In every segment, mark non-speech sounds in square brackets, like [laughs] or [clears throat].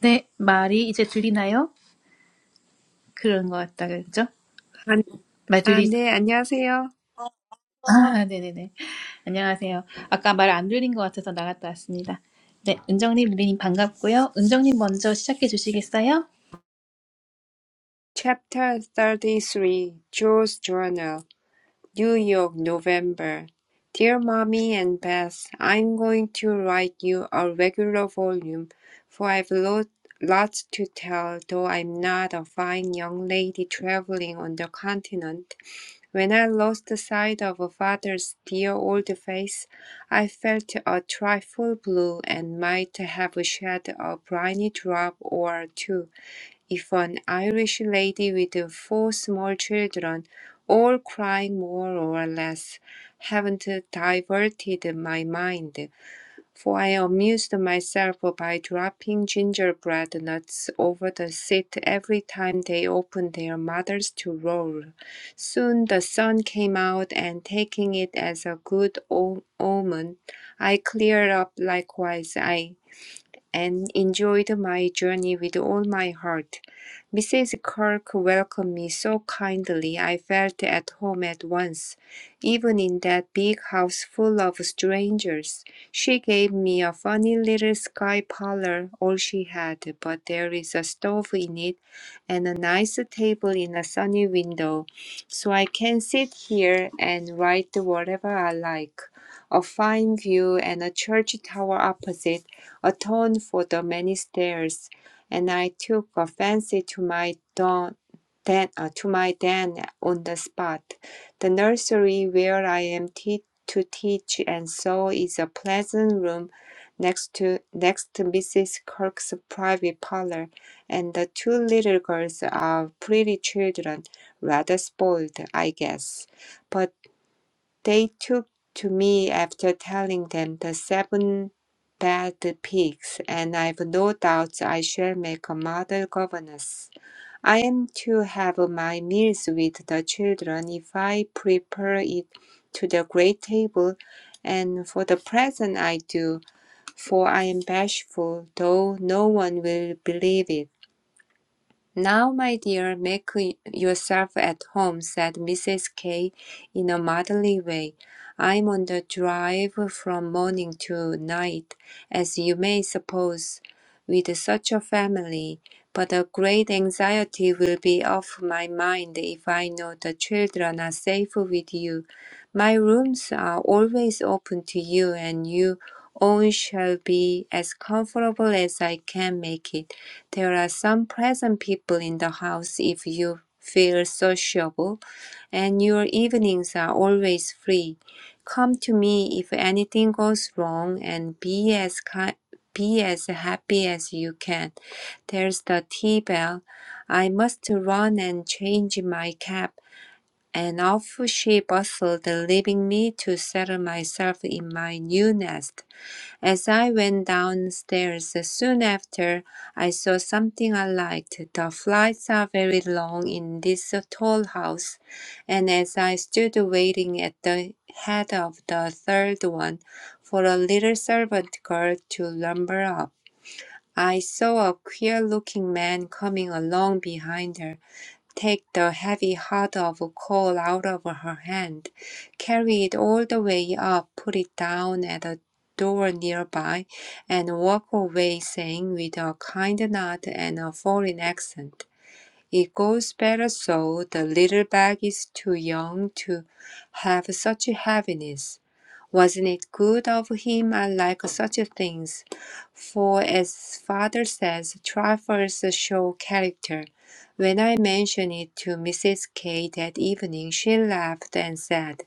네, 말이 이제 들리나요? 그런 것 같다 그랬죠? 아, 말 아, 들리, 네, 안녕하세요. 아, 네네네. 안녕하세요. 아까 말 안 들린 것 같아서 나갔다 왔습니다. 네, 은정님, 릴리님 반갑고요. 은정님 먼저 시작해 주시겠어요? Chapter 33, Joe's Journal, New York, November. Dear Mommy and Beth, I'm going to write you a regular volume, for I've lo- lots to tell, though I'm not a fine young lady traveling on the continent. When I lost sight of father's dear old face, I felt a trifle blue and might have shed a briny drop or two. if an Irish lady with four small children, all crying more or less, haven't diverted my mind, for I amused myself by dropping gingerbread nuts over the seat every time they opened their mouths to roll. Soon the sun came out, and taking it as a good o- omen, I cleared up likewise. I and enjoyed my journey with all my heart. Mrs. Kirk welcomed me so kindly I felt at home at once, even in that big house full of strangers. She gave me a funny little sky parlor, all she had, but there is a stove in it and a nice table in a sunny window, so I can sit here and write whatever I like. A fine view and a church tower opposite atone for the many stairs, and I took a fancy to my don, den, uh, to my den on the spot, the nursery where I am te- to teach, and so is a pleasant room next to next to Mrs. Kirk's private parlor, and the two little girls are pretty children, rather spoiled, I guess. But they took to me after telling them the seven bad pigs, and I've no doubt I shall make a model governess. I am to have my meals with the children if I prepare it to the great table, and for the present I do, for I am bashful, though no one will believe it. Now, my dear, make yourself at home, said Mrs. K in a motherly way. I'm on the drive from morning to night, as you may suppose, with such a family, but a great anxiety will be off my mind if I know the children are safe with you. My rooms are always open to you, and you own shall be as comfortable as I can make it. There are some pleasant people in the house if you feel sociable, and your evenings are always free. Come to me if anything goes wrong, and be as ki- be as happy as you can. There's the tea bell. I must run and change my cap. And off she bustled, leaving me to settle myself in my new nest. As I went downstairs soon after, I saw something I liked. The flights are very long in this tall house, and as I stood waiting at the head of the third one for a little servant girl to lumber up, I saw a queer looking man coming along behind her take the heavy heart of coal out of her hand, carry it all the way up, put it down at a door nearby, and walk away saying with a kind nod and a foreign accent, it goes better so. The little bag is too young to have such heaviness. Wasn't it good of him? I like such things. For as father says, trifles show character. When I mentioned it to Mrs. K that evening, she laughed and said,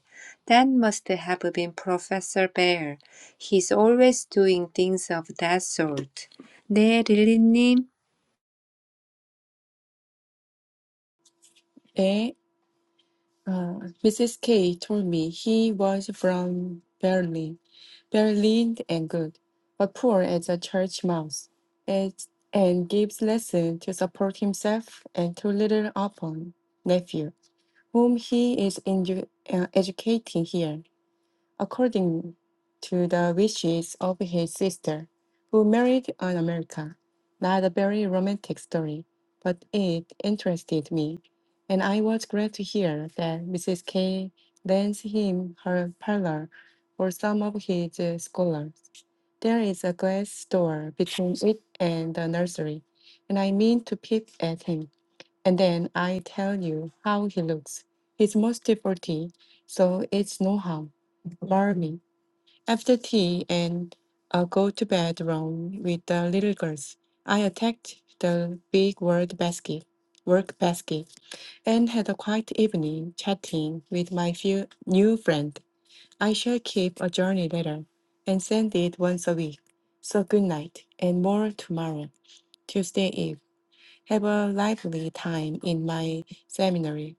That must have been Professor Bear. He's always doing things of that sort. 네, 릴리님. Eh, uh, Mrs. K told me he was from Berlin, Berlin and good, but poor as a church mouse, and, and gives lesson to support himself and to little upon nephew, whom he is edu- uh, educating here according to the wishes of his sister, who married an American. Not a very romantic story, but it interested me, and I was glad to hear that Mrs. K lends him her parlor for some of his uh, scholars. There is a glass door between it and the nursery, and I mean to peep at him. And then I tell you how he looks. He's most for tea, so it's no harm. Marry After tea and i go to bed room with the little girls. I attacked the big word basket, work basket, and had a quiet evening chatting with my few new friend. I shall keep a journey letter and send it once a week. So good night and more tomorrow, Tuesday Eve have a lively time in my seminary.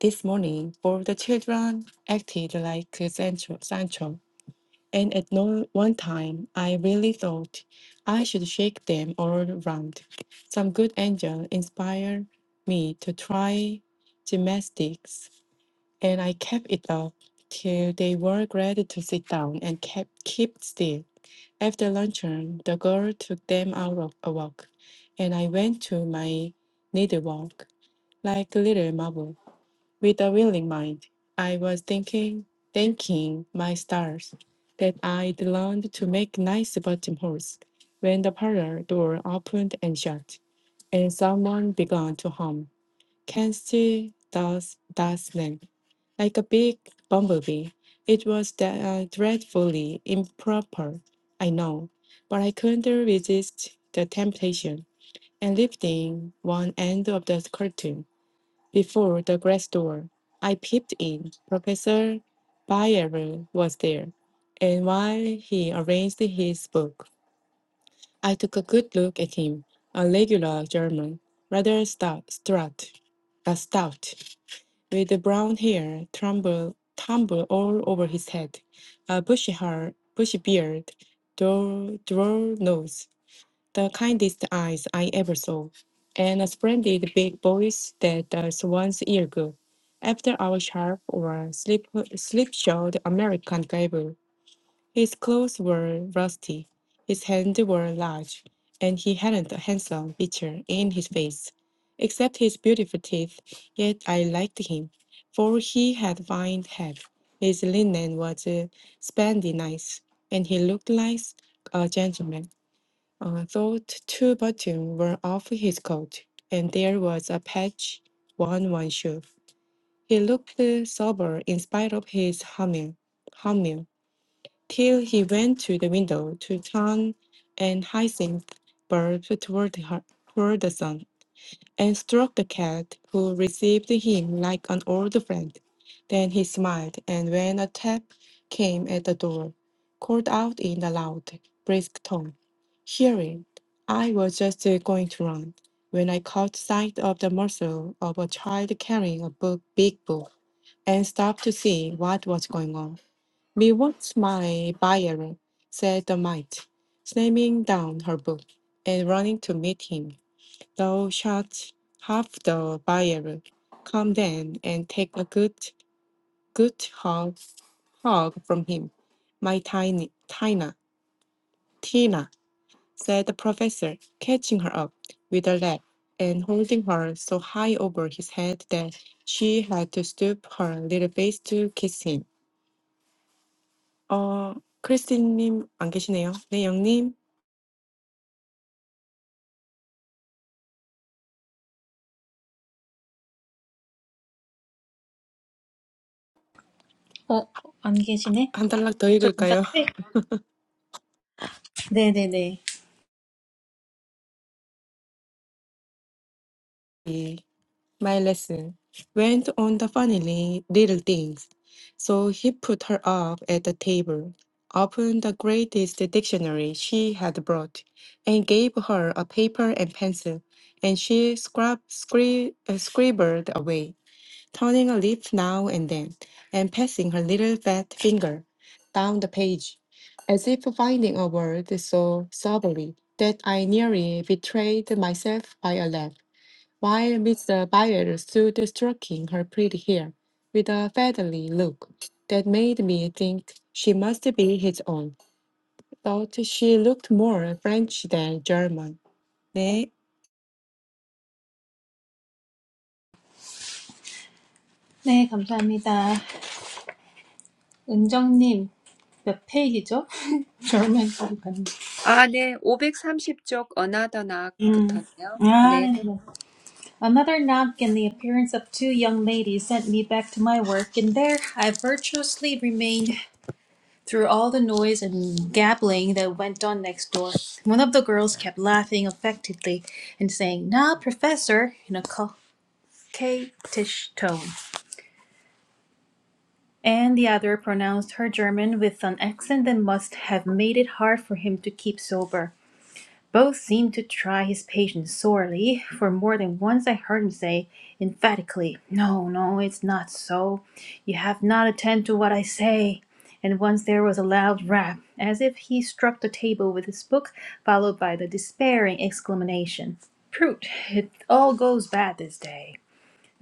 This morning, all the children acted like Sancho, Sancho, and at no one time I really thought I should shake them all round. Some good angel inspired me to try gymnastics, and I kept it up till they were ready to sit down and kept keep still. After luncheon, the girl took them out of a walk, and I went to my needlework like little marble, with a willing mind. I was thinking, thanking my stars, that I'd learned to make nice buttonholes when the parlor door opened and shut, and someone began to hum. Can't see does does then. Like a big bumblebee, it was da- uh, dreadfully improper, I know, but I couldn't resist the temptation and lifting one end of the curtain. Before the glass door, I peeped in. Professor Bayer was there, and while he arranged his book, I took a good look at him, a regular German, rather stout, strut, uh, stout, with the brown hair tumble, tumble all over his head, a bushy, hair, bushy beard, droll, droll nose, the kindest eyes I ever saw, and a splendid big voice that does one's ear good. After our sharp or slip slipshod American gable, his clothes were rusty, his hands were large, and he hadn't a handsome feature in his face, except his beautiful teeth. Yet I liked him, for he had fine head. His linen was uh, spandy nice, and he looked like a gentleman. Uh, thought two buttons were off his coat, and there was a patch on one shoe. He looked uh, sober in spite of his humming, humming, till he went to the window to turn an hyacinth bulb toward her, toward the sun and stroked the cat, who received him like an old friend. Then he smiled, and when a tap came at the door, called out in a loud, brisk tone, "Hear it! I was just uh, going to run when I caught sight of the muzzle of a child carrying a book, big book, and stopped to see what was going on. Me what's my buyer?" said the mite, slamming down her book and running to meet him. Thou shalt have the buyer. Come then, and take a good, good hog, hog from him. My tiny Tina, Tina, said the professor, catching her up with a leg and holding her so high over his head that she had to stoop her little face to kiss him. 어, 크리스틴님 안 계시네요. 네, 영님 어, 안 계시네? 한 단락 더 저 잠깐, 읽을까요? 네, 네네네. [laughs] 예. My lesson went on the funny little things. So he put her up at the table, opened the greatest dictionary she had brought, and gave her a paper and pencil, and she scrab- scri- uh, scribbled away, turning a leaf now and then, and passing her little fat finger down the page, as if finding a word so soberly that I nearly betrayed myself by a laugh while Miss Byers stood stroking her pretty hair with a fatherly look that made me think she must be his own. Thought she looked more French than German. 네, 네, 감사합니다. 은정님, 몇 페이지죠? [laughs] 저만 보고 갔는데. 아, 네. 530쪽 Another Knock 음. 붙었네요. 아, 네. 네네네. Another knock and the appearance of two young ladies sent me back to my work, and there I virtuously remained through all the noise and gabbling that went on next door. One of the girls kept laughing affectedly and saying, Now, Professor, in a coquettish tone. And the other pronounced her German with an accent that must have made it hard for him to keep sober. Both seemed to try his patience sorely, for more than once I heard him say emphatically, No, no, it's not so. You have not attended to what I say. And once there was a loud rap, as if he struck the table with his book, followed by the despairing exclamation, Prut, it all goes bad this day.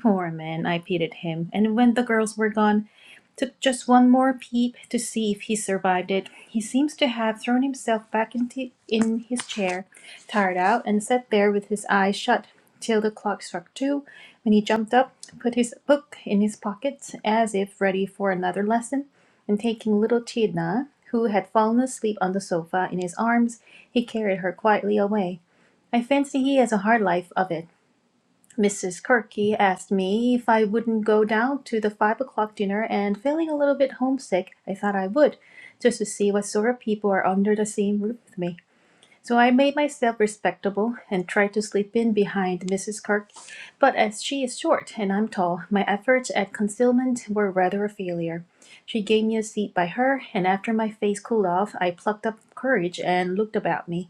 Poor man, I pitied him, and when the girls were gone, took just one more peep to see if he survived it. He seems to have thrown himself back into in his chair, tired out, and sat there with his eyes shut till the clock struck two, when he jumped up, put his book in his pocket as if ready for another lesson, and taking little Chidna, who had fallen asleep on the sofa, in his arms, he carried her quietly away. I fancy he has a hard life of it. Mrs. Kirky asked me if I wouldn't go down to the five o'clock dinner, and feeling a little bit homesick, I thought I would, just to see what sort of people are under the same roof with me. So I made myself respectable and tried to slip in behind Mrs. Kirk, but as she is short and I'm tall, my efforts at concealment were rather a failure. She gave me a seat by her, and after my face cooled off, I plucked up courage and looked about me.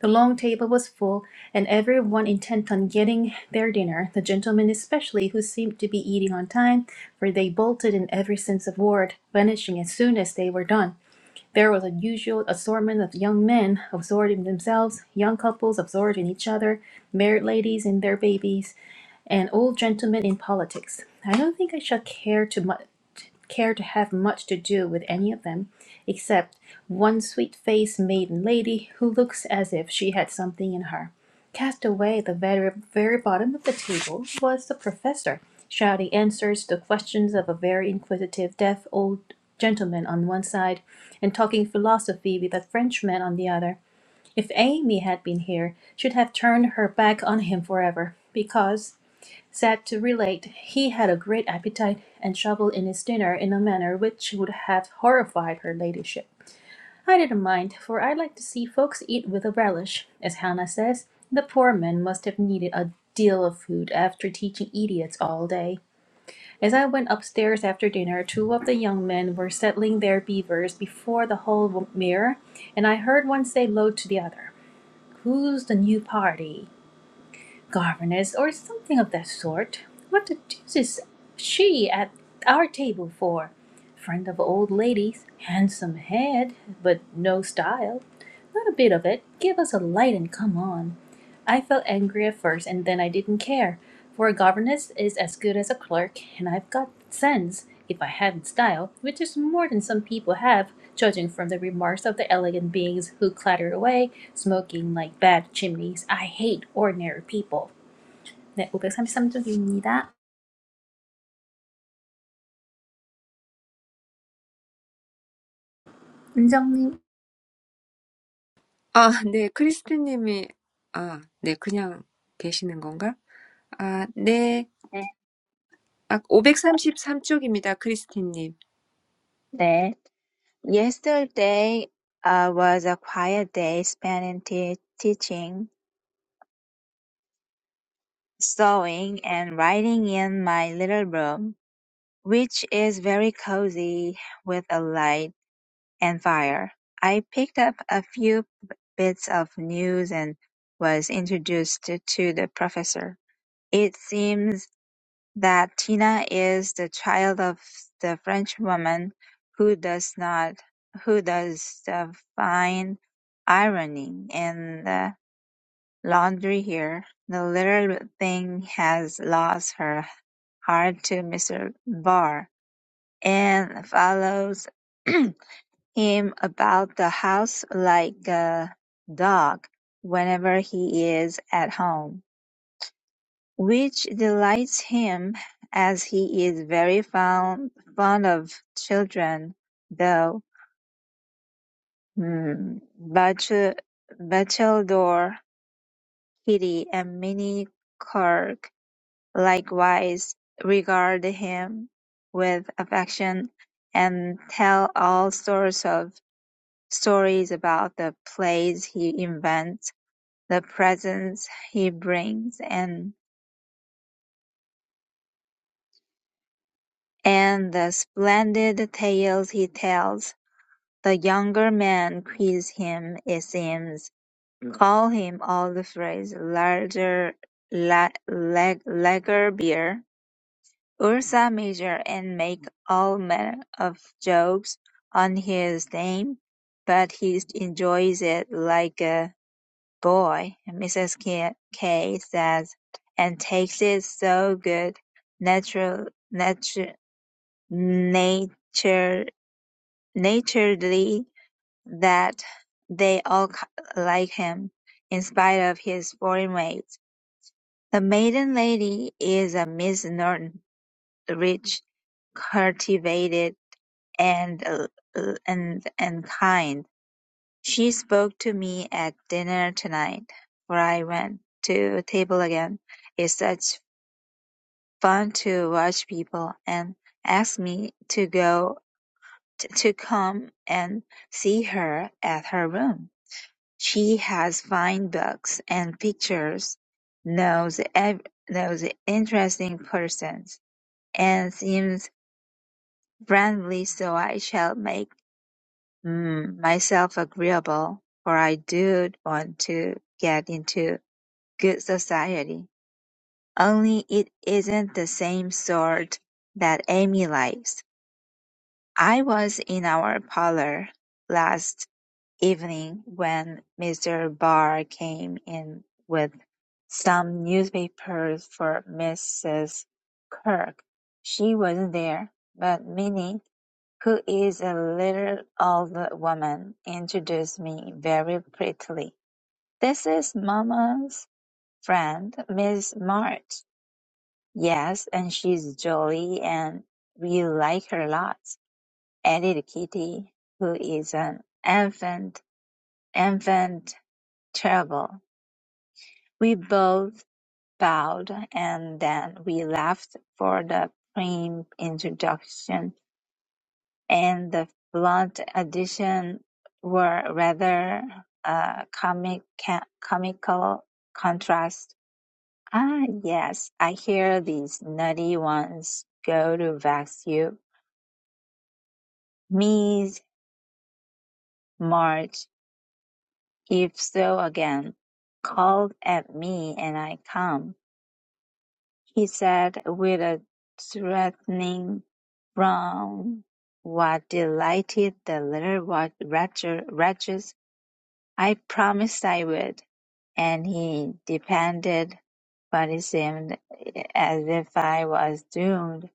The long table was full, and every one intent on getting their dinner, the gentlemen especially, who seemed to be eating on time, for they bolted in every sense of word, vanishing as soon as they were done. There was a usual assortment of young men absorbed in themselves, young couples absorbed in each other, married ladies and their babies an old gentleman in politics. I don't think I shall care to much care to have much to do with any of them, except one sweet-faced maiden lady who looks as if she had something in her. Cast away at the very, very bottom of the table was the professor, shouting answers to questions of a very inquisitive deaf old gentleman on one side, and talking philosophy with a Frenchman on the other. If Amy had been here, she'd have turned her back on him forever, because Said to relate, he had a great appetite and shoveled in his dinner in a manner which would have horrified her ladyship. I didn't mind, for I like to see folks eat with a relish. As Hannah says, the poor man must have needed a deal of food after teaching idiots all day. As I went upstairs after dinner, two of the young men were settling their beavers before the hall mirror, and I heard one say low to the other, Who's the new party? governess, or something of that sort. What the deuce is she at our table for? Friend of old ladies, handsome head, but no style. Not a bit of it. Give us a light and come on. I felt angry at first, and then I didn't care, for a governess is as good as a clerk, and I've got sense, if I haven't style, which is more than some people have, judging from the remarks of the elegant beings who clatter away, smoking like bad chimneys. I hate ordinary people. 네, 533쪽입니다. 은정님. 아, 네. 크리스티님이, 아, 네. 그냥 계시는 건가? 아, 네. 아, 오백삼십삼 쪽입니다 크리스티님. That yesterday uh, was a quiet day spent in te- teaching, sewing, and writing in my little room, which is very cozy with a light and fire. I picked up a few b- bits of news and was introduced to to the professor. It seems that Tina is the child of the French woman who does not who does the fine ironing and the laundry here. The little thing has lost her heart to Mr. Barr and follows [clears throat] him about the house like a dog whenever he is at home which delights him, as he is very fond fond of children, though mm, Bach- Battledor, Kitty, and Minnie Kirk likewise regard him with affection and tell all sorts of stories about the plays he invents, the presents he brings, and and the splendid tales he tells The younger men quiz him, it seems, call him all the phrase "larger la- lag- lager beer", "Ursa Major" and make all manner of jokes on his name, but he enjoys it like a boy, Mrs. K, K says, and takes it so good, natural, nature, nature, naturedly that they all like him, in spite of his foreign ways. The maiden lady is a Miss Norton, rich, cultivated, and uh, uh, and and kind. She spoke to me at dinner tonight, for I went to the table again. It's such fun to watch people, and asked me to go to come and see her at her room. She has fine books and pictures, knows ev- knows interesting persons, and seems friendly so I shall make mm, myself agreeable, for I do want to get into good society. Only it isn't the same sort that Amy likes. I was in our parlour last evening when Mr. Barr came in with some newspapers for Mrs. Kirk. She wasn't there, but Minnie, who is a little older woman, introduced me very prettily. This is Mamma's friend, Miss March. Yes, and she's jolly and we like her lots, added Kitty, who is an infant, infant Terrible. We both bowed, and then we left for the prim introduction and the blunt addition were rather a comic ca- comical contrast. Ah, yes, I hear these nutty ones go to vex you. Miss March, if so again, called at me and I come. he said with a threatening frown. What delighted the little wa- wretcher- wretches! I promised I would, and he depended, but it seemed eh, as if I was doomed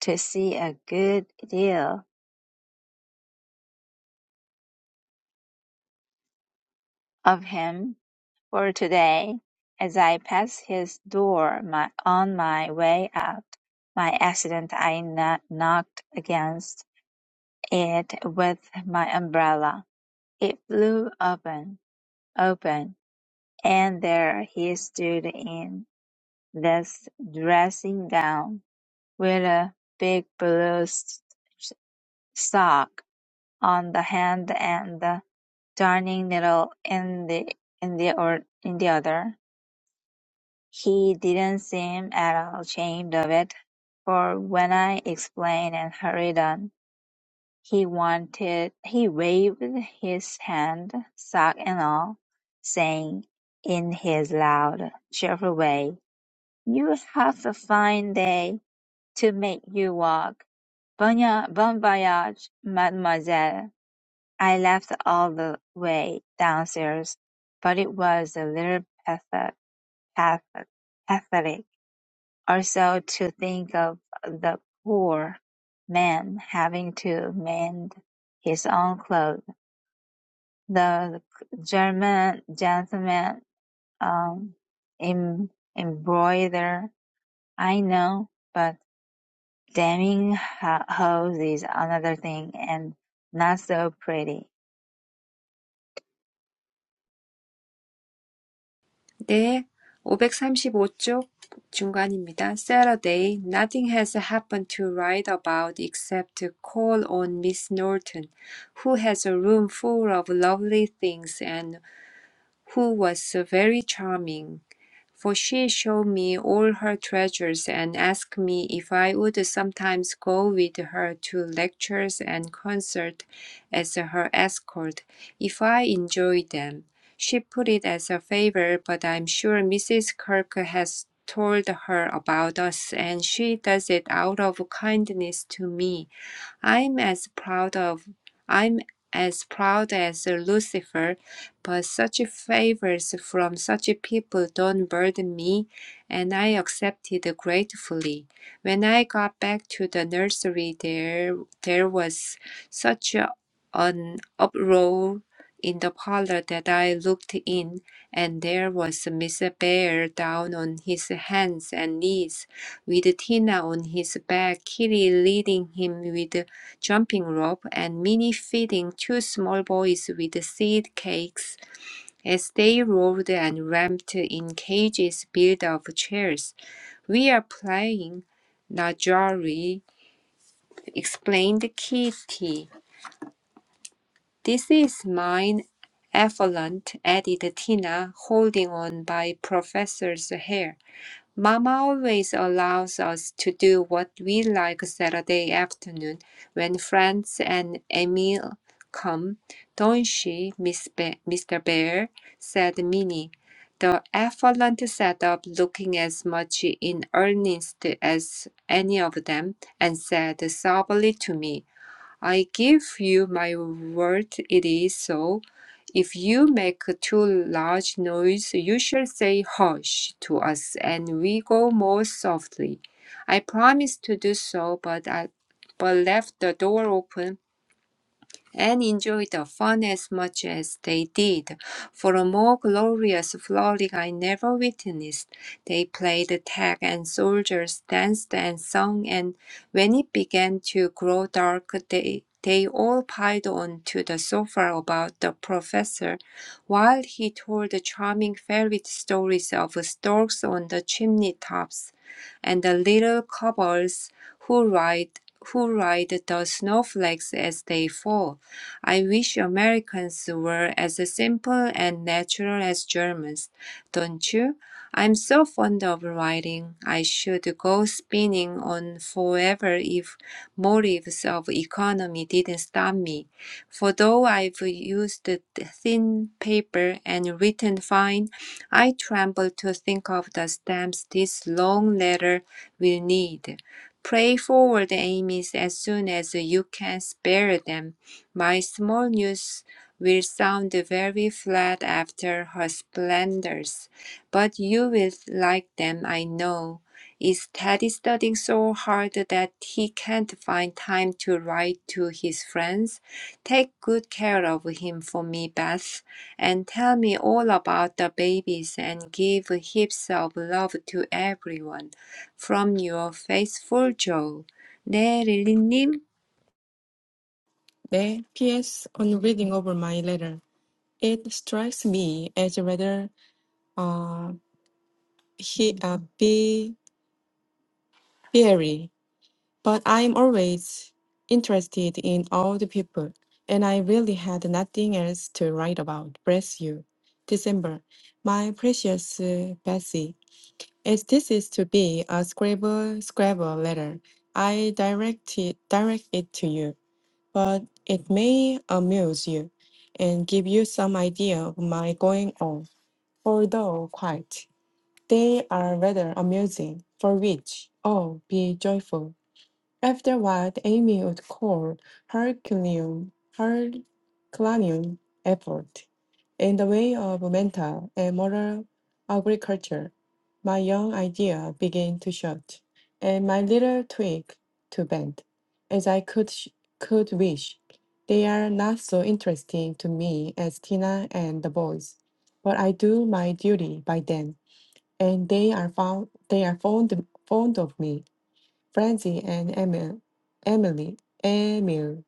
to see a good deal of him for today. As I passed his door my, on my way out, my accident I kno- knocked against. it with my umbrella. It flew open, open, and there he stood in this dressing gown, with a big blue s- s- sock on the hand and the darning needle in the in the or in the other. He didn't seem at all ashamed of it, for when I explained and hurried on. He wanted he waved his hand, sack and all, saying, in his loud, cheerful way, "You have a fine day to make you walk. Bon ya- bon voyage, mademoiselle." I laughed all the way downstairs, but it was a little pathet- pathet- pathetic also to think of the poor man having to mend his own clothes. The German gentleman um, em- embroider, I know, but damning ho- hose is another thing and not so pretty. 네. 오백삼십오 쪽 중간입니다. Saturday. Nothing has happened to write about except to call on Miss Norton, who has a room full of lovely things and who was very charming. For she showed me all her treasures and asked me if I would sometimes go with her to lectures and concerts as her escort, if I enjoyed them. She put it as a favor, but I'm sure Mrs. Kirk has told her about us, and she does it out of kindness to me. I'm as proud of I'm as proud as Lucifer, but such favors from such people don't burden me, and I accepted gratefully. When I got back to the nursery, there there was such a- an uproar in the parlor that I looked in, and there was Mr. Bear down on his hands and knees, with Tina on his back, Kitty leading him with jumping rope, and Minnie feeding two small boys with seed cakes as they rolled and ramped in cages built of chairs. We are playing, Najari explained Kitty. This is mine, Effluent, added Tina, holding on by Professor's hair. Mama always allows us to do what we like Saturday afternoon when friends and Emil come, don't she, Miss Be- Mr. Bear? said Minnie, the affluent setup looking as much in earnest as any of them, and said soberly to me. I give you my word, it is so. If you make too large noise, you shall say hush to us, and we go more softly. I promised to do so, but I but left the door open and enjoy the fun as much as they did, for a more glorious frolic I never witnessed. They played tag and soldiers danced and sung, and when it began to grow dark, they they all piled on to the sofa about the professor, while he told the charming fairy stories of storks on the chimney tops, and the little cobbles who ride who ride the snowflakes as they fall I wish Americans were as simple and natural as Germans, don't you? I'm so fond of writing. I should go spinning on forever if motives of economy didn't stop me. For though I've used the thin paper and written fine, I tremble to think of the stamps this long letter will need. Pray forward, Amy's, as soon as you can spare them. My small news will sound very flat after her splendors, but you will like them, I know. Is Teddy studying so hard that he can't find time to write to his friends? Take good care of him for me, Beth, and tell me all about the babies and give heaps of love to everyone. From your faithful Joe. 네, 릴리님. 네. P.S. On reading over my letter, it strikes me as rather uh, he, uh, be, fiery But I'm always interested in all the people, and I really had nothing else to write about. Bless you. December. My precious uh, Betsy, as this is to be a Scrabble Scrabble letter, I direct it, direct it to you, but it may amuse you and give you some idea of my going on, although quite. They are rather amusing, for which, oh, be joyful. Afterward, Amy would call Herculaneum, Herculaneum effort in the way of mental and moral agriculture. My young idea began to shoot, and my little twig to bend, as I could sh- could wish. They are not so interesting to me as Tina and the boys, but I do my duty by them, and they are found they are fond fond of me. Francie and Emil, Emily, Emil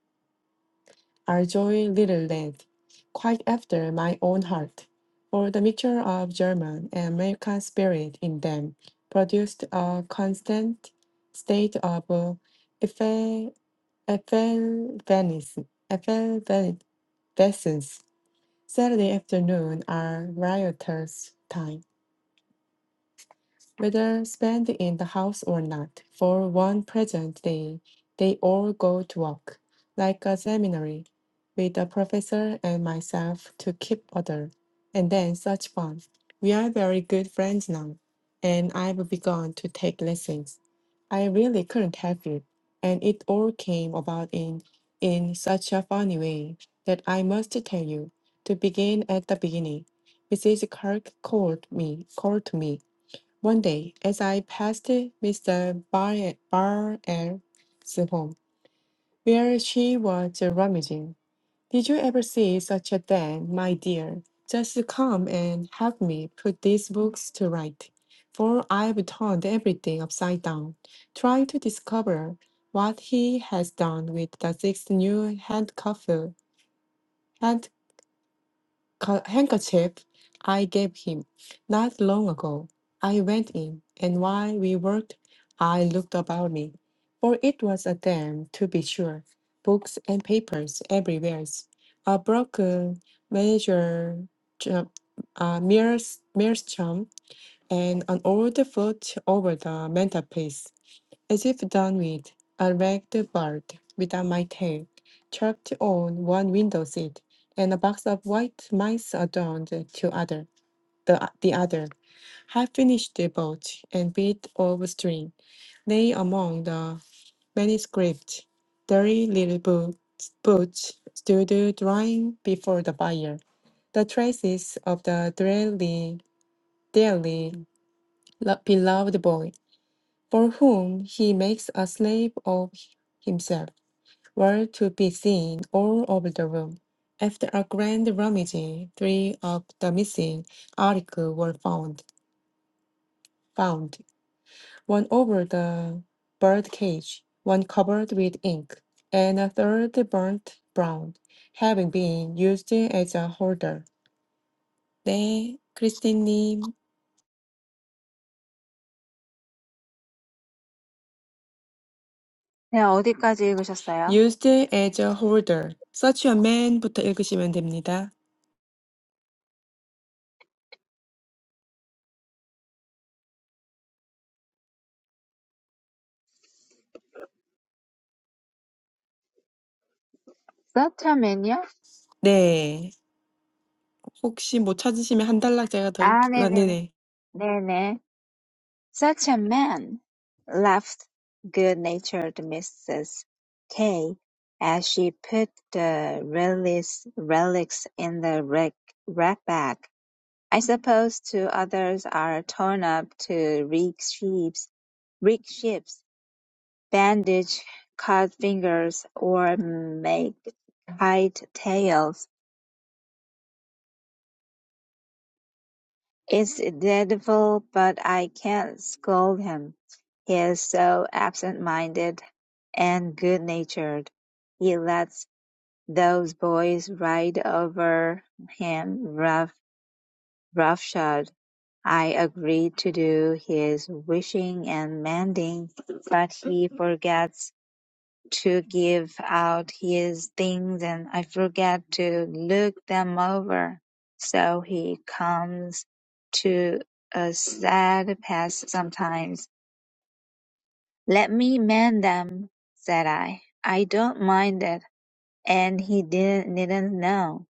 are joy little lads, quite after my own heart. For the mixture of German and American spirit in them produced a constant state of uh, effe- effervescence. effervescence. Saturday afternoon are riotous time. whether spent in the house or not, for one present day they all go to work, like a seminary, with the professor and myself to keep order, and then such fun. We are very good friends now, and I've begun to take lessons. I really couldn't help it, and it all came about in in such a funny way that I must tell you. To begin at the beginning, Mrs. Kirk called me, called to me one day, as I passed Mr. Bar- Barrett's home, where she was rummaging, did you ever see such a den, my dear? Just come and help me put these books to right, for I've turned everything upside down, trying to discover what he has done with the six new handcuff ca- handkerchief I gave him not long ago. I went in, and while we worked, I looked about me, for it was a den, to be sure, books and papers everywhere, a broken measure, ju- a mere, mere chum, and an old foot over the mantelpiece. As if done with, I ragged the bird without my tail, trapped on one window seat, and a box of white mice adorned to other, the, the other. I finished the boat and bit of string. Lay among the manuscript, dirty little boots, boots stood drying before the fire. The traces of the dearly, dearly lo- beloved boy, for whom he makes a slave of himself. were to be seen all over the room. After a grand rummage, three of the missing articles were found, found, one over the bird cage, one covered with ink, and a third burnt brown, having been used as a holder. 네, 크리스틴님. 네, 어디까지 읽으셨어요? Used as a holder. Such a man부터 읽으시면 됩니다. Such a man요? 네. 혹시 못 찾으시면 한 단락 제가 더, 읽... 아, 아, 네네네. 네네. 네네. Such a man, laughed good-natured Mrs. K as she put the relics, relics in the rack, rack bag. I suppose two others are torn up to rig ships, rig ships, bandage cut fingers, or make kite tails. It's dreadful, but I can't scold him. He is so absent-minded and good-natured. He lets those boys ride over him rough, roughshod. I agreed to do his wishing and mending, but he forgets to give out his things and I forget to look them over. So he comes to a sad pass sometimes. Let me mend them, said I. I don't mind it. And he didn't, didn't know.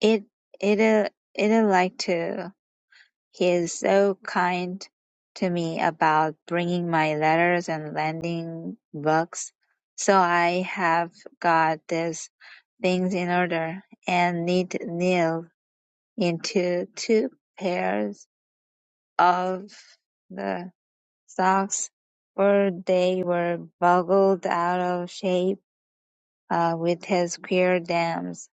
It, it, uh, it like to. He is so kind to me about bringing my letters and lending books, so I have got these things in order, and knit Neil into two pairs of the socks, for they were boggled out of shape uh, with his queer dams.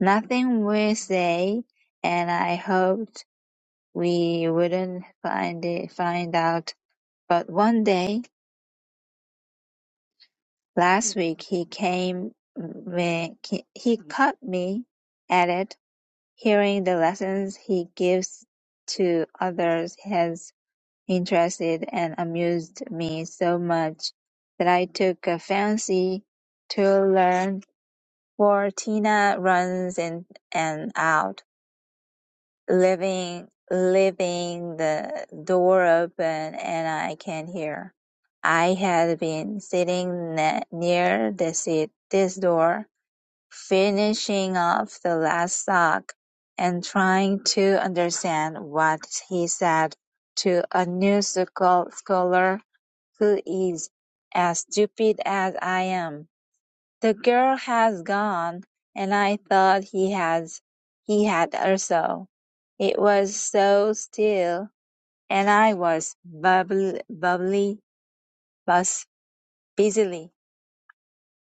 Nothing we say, and I hoped we wouldn't find it, find out But one day last week he came when he caught me at it, hearing the lessons he gives to others has interested and amused me so much that I took a fancy to learn, for Tina runs in and out leaving leaving the door open and I can hear. I had been sitting ne- near this, this door, finishing off the last sock and trying to understand what he said to a new scholar who is as stupid as I am. The girl has gone, and I thought he has he had also. It was so still, and I was bubbly, bubbly, bus busily.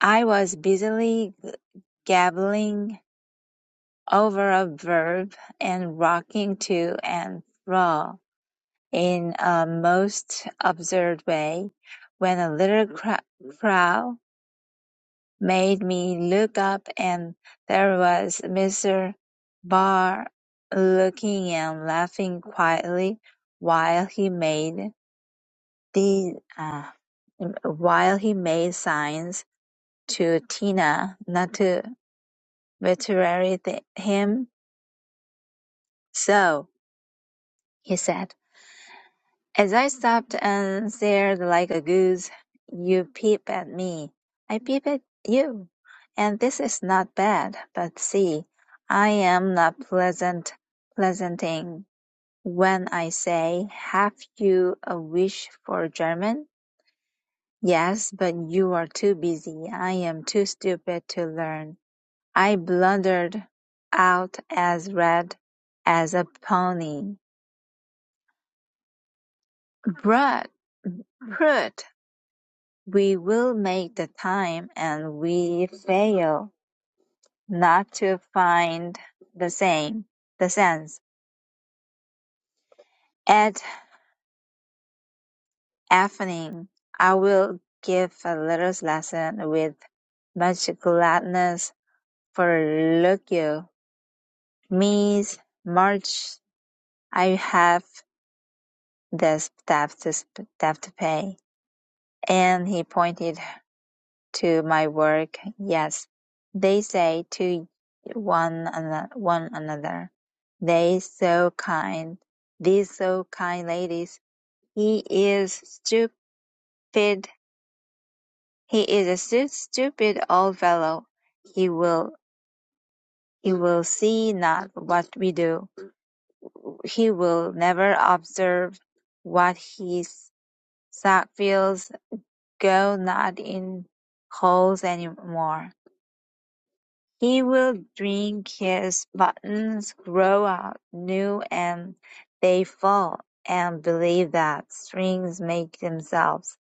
I was busily gabbling over a verb and rocking to and fro in a most absurd way, when a little cro- crow made me look up and there was Mr. Barr looking and laughing quietly while he made the uh, while he made signs to Tina not to betray the, him. So, he said. As I stopped and stared like a goose, you peep at me, I peep at you, and this is not bad, but see, I am not pleasant pleasanting when I say, have you a wish for German? Yes, but you are too busy, I am too stupid to learn. I blundered out as red as a pony. Brut, brut! We will make the time and we fail not to find the same, the sense. At evening, I will give a little lesson with much gladness for look you. Means March, I have the staff to, sp- staff to pay. And he pointed to my work, yes, they say to one ano- one another, "They so kind, these so kind ladies. He is stupid. He is a stu- stupid old fellow. He will he will see not what we do. He will never observe what his sack feels. Go not in holes anymore." He will drink his buttons grow out new and they fall, and believe that strings make themselves.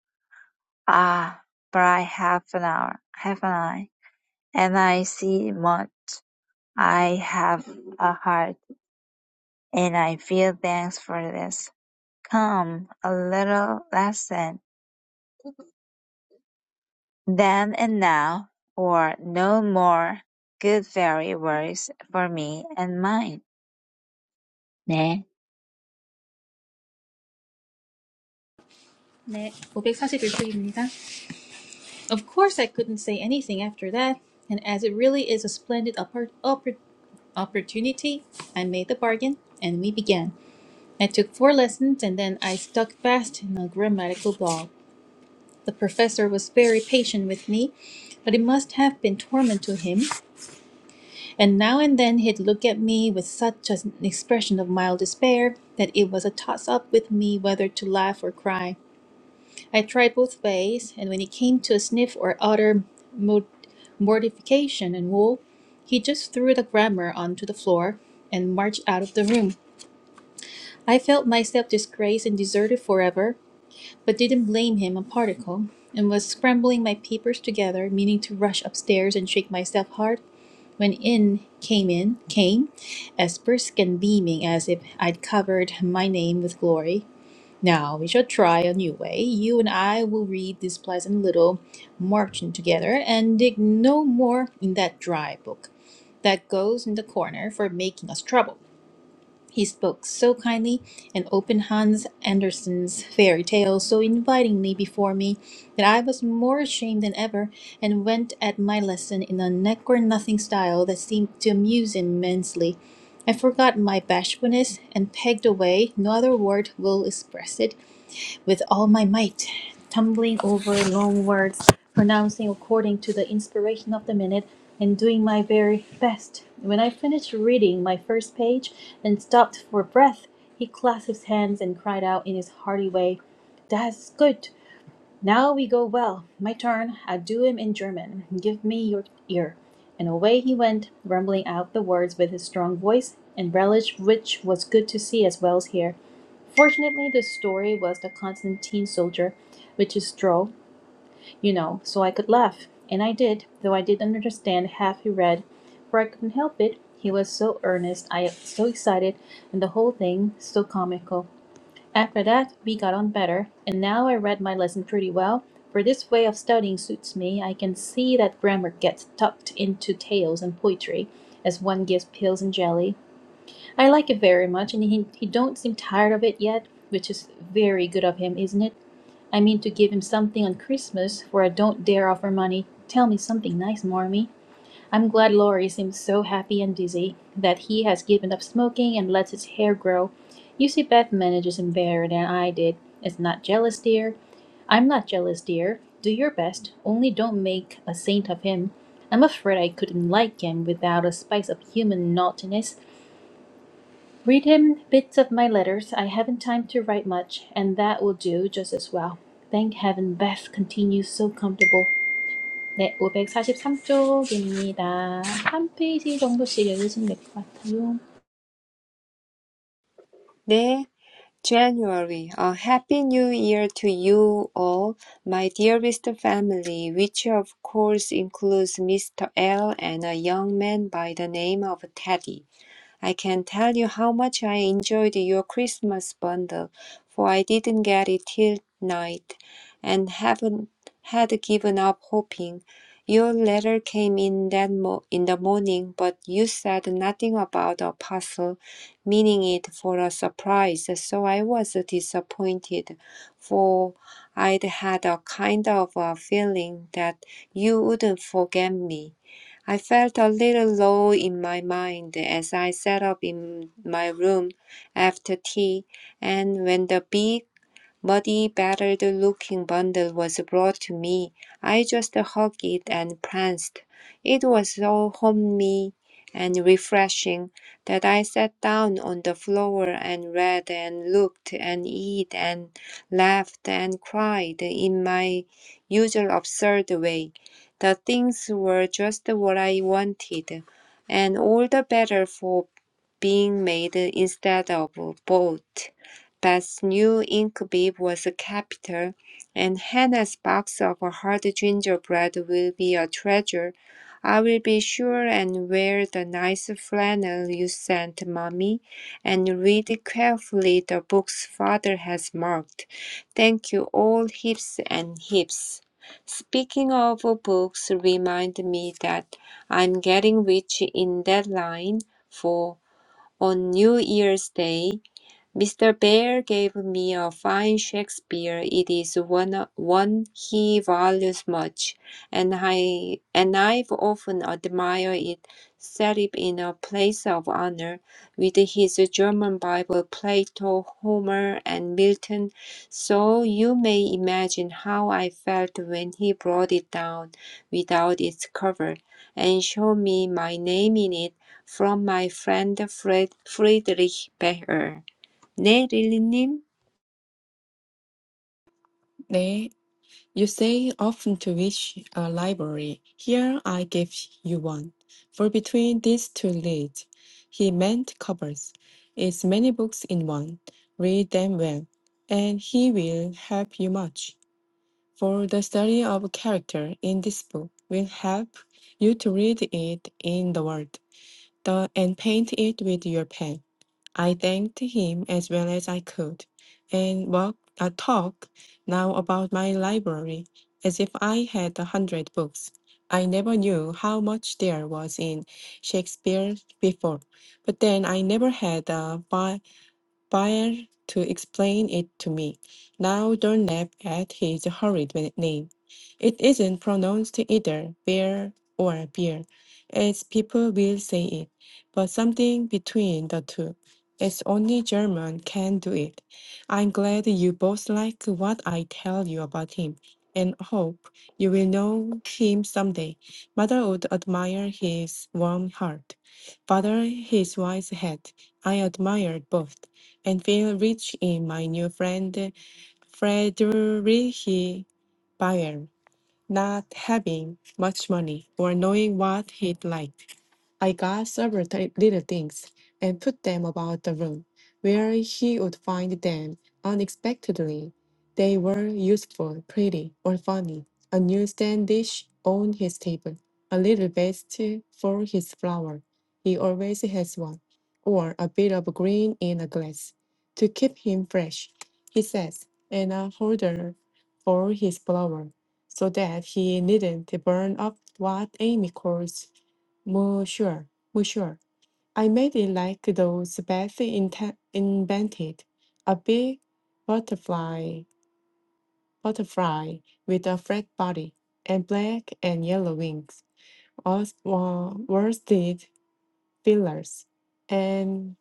Ah, but I have an hour, have an eye, and I see much. I have a heart, and I feel thanks for this. Come, a little lesson, then and now, or no more good fairy words for me and mine. 네, 네, 541쪽입니다. Of course, I couldn't say anything after that, and as it really is a splendid oppor- oppor- opportunity, I made the bargain, and we began. I took four lessons, and then I stuck fast in a grammatical ball. The professor was very patient with me, but it must have been torment to him, and now and then he'd look at me with such an expression of mild despair that it was a toss up with me whether to laugh or cry. I tried both ways, and when it came to a sniff or utter mortification and woe, he just threw the grammar onto the floor and marched out of the room. I felt myself disgraced and deserted forever, but didn't blame him a particle, and was scrambling my papers together, meaning to rush upstairs and shake myself hard, when in came in came, as brisk and beaming as if I'd covered my name with glory. Now we shall try a new way. You and I will read this pleasant little margin together and dig no more in that dry book that goes in the corner for making us trouble. He spoke so kindly and opened Hans Andersen's fairy tale so invitingly before me that I was more ashamed than ever and went at my lesson in a neck or nothing style that seemed to amuse him immensely. I forgot my bashfulness and pegged away, no other word will express it, with all my might, tumbling over long words, pronouncing according to the inspiration of the minute, and doing my very best. When I finished reading my first page and stopped for breath, he clasped his hands and cried out in his hearty way, That's good. Now we go well. My turn. I do him in German. Give me your ear. And away he went, rumbling out the words with his strong voice, and relish which was good to see as well as hear. Fortunately, the story was the Constantine soldier, which is droll, you know, so I could laugh. And I did, though I didn't understand half he read, for I couldn't help it. He was so earnest, I so excited, and the whole thing so comical. After that, we got on better, and now I read my lesson pretty well, for this way of studying suits me. I can see that grammar gets tucked into tales and poetry, as one gives pills and jelly. I like it very much, and he, he don't seem tired of it yet, which is very good of him, isn't it? I mean to give him something on Christmas, for I don't dare offer money. Tell me something nice, Marmee. I'm glad Laurie seems so happy and busy that he has given up smoking and lets his hair grow. You see, Beth manages him better than I did. It's not jealous, dear. I'm not jealous, dear. Do your best, only don't make a saint of him. I'm afraid I couldn't like him without a spice of human naughtiness. Read him bits of my letters. I haven't time to write much, and that will do just as well. Thank heaven Beth continues so comfortable. 네, 543쪽입니다. 한 페이지 정도씩 읽으시면 될 것 같아요. 네, January, a happy new year to you all, my dearest family, which of course includes Mr. L and a young man by the name of Teddy. I can tell you how much I enjoyed your Christmas bundle, for I didn't get it till night, and haven't had given up hoping. Your letter came in that mo- in the morning, but you said nothing about a parcel, meaning it for a surprise. So I was disappointed, for I'd had a kind of a feeling that you wouldn't forget me. I felt a little low in my mind as I sat up in my room after tea, and when the big muddy, battered looking bundle was brought to me. I just hugged it and pranced. It was so homey and refreshing that I sat down on the floor and read and looked and eat and laughed and cried in my usual absurd way. The things were just what I wanted, and all the better for being made instead of bought. Beth's new ink bib was capital, and Hannah's box of hard gingerbread will be a treasure. I will be sure and wear the nice flannel you sent, Mommy, and read carefully the books Father has marked. Thank you all heaps and heaps. Speaking of books, remind me that I'm getting rich in that line, for on New Year's Day Mr. Bear gave me a fine Shakespeare. It is one, one he values much, and I and I've often admired it. Set it in a place of honor, with his German Bible, Plato, Homer, and Milton. So you may imagine how I felt when he brought it down without its cover, and showed me my name in it from my friend Fred, Friedrich Becker. 네, 릴리님. 네, You say often to wish a library. Here I give you one. For between these two lids, he meant covers, is many books in one. Read them well, and he will help you much. For the study of character in this book will help you to read it in the world, the, and paint it with your pen. I thanked him as well as I could, and walked a talk now about my library, as if I had a hundred books. I never knew how much there was in Shakespeare before, but then I never had a Bayer to explain it to me. Now don't laugh at his horrid name. It isn't pronounced either bear or beer, as people will say it, but something between the two. It's only German can do it. I'm glad you both like what I tell you about him, and hope you will know him someday. Mother would admire his warm heart, father his wise head. I admired both and feel rich in my new friend Friedrich Bayer, not having much money or knowing what he'd like. I got several ti- little things and put them about the room, where he would find them unexpectedly. They were useful, pretty, or funny. A new stand dish on his table, a little vest for his flower. He always has one, or a bit of green in a glass to keep him fresh, he says, and a holder for his flower so that he needn't burn up what Amy calls more sure, more sure. I made it like those Beth inte- invented, a big butterfly, butterfly with a flat body and black and yellow wings, all wa- worsted feelers, and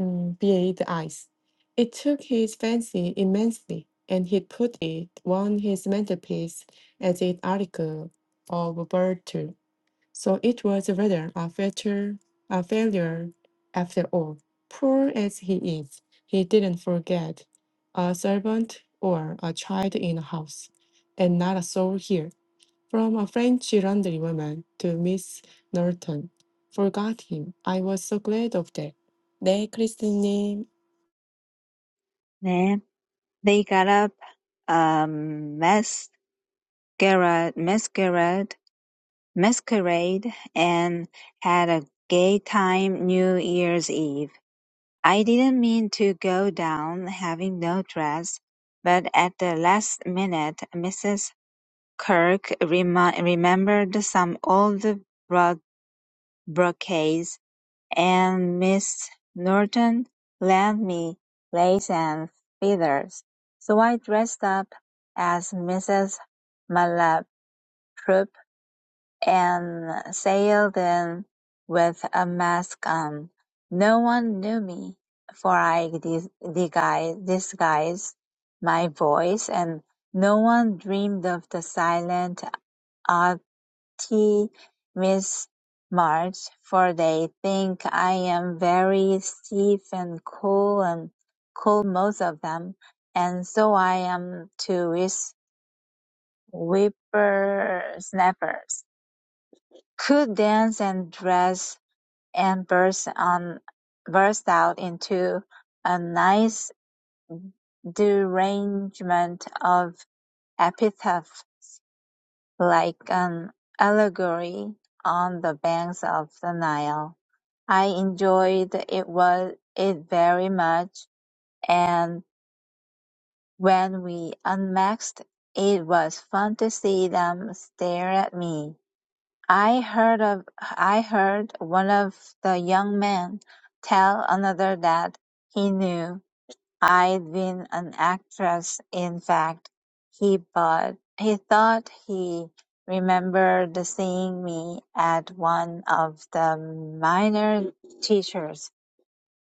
mm, bead eyes. It took his fancy immensely, and he put it on his mantelpiece as an article of virtu. So it was rather a failure, a failure after all. Poor as he is, he didn't forget a servant or a child in the house, and not a soul here. From a French laundry woman to Miss Norton, forgot him. I was so glad of that. 네, 크리스님. 네. They got up a masquerade masquerade masquerade and had a gay time New Year's Eve. I didn't mean to go down having no dress, but at the last minute Mrs. Kirk remi- remembered some old bro- brocades And Miss Norton lent me lace and feathers, so I dressed up as Mrs. Malaprop and sailed in with a mask on. No one knew me, for I dis- disguised disguised my voice, and no one dreamed of the silent tea with Marge, for they think I am very stiff and cool and cool most of them, and so I am too with whippersnappers. Could dance and dress and burst on burst out into a nice derangement of epithet like an allegory on the banks of the Nile. I enjoyed it was it very much, and when we unmasked, it was fun to see them stare at me. I heard of I heard one of the young men tell another that he knew I'd been an actress. In fact, he but he thought he remembered seeing me at one of the minor teachers.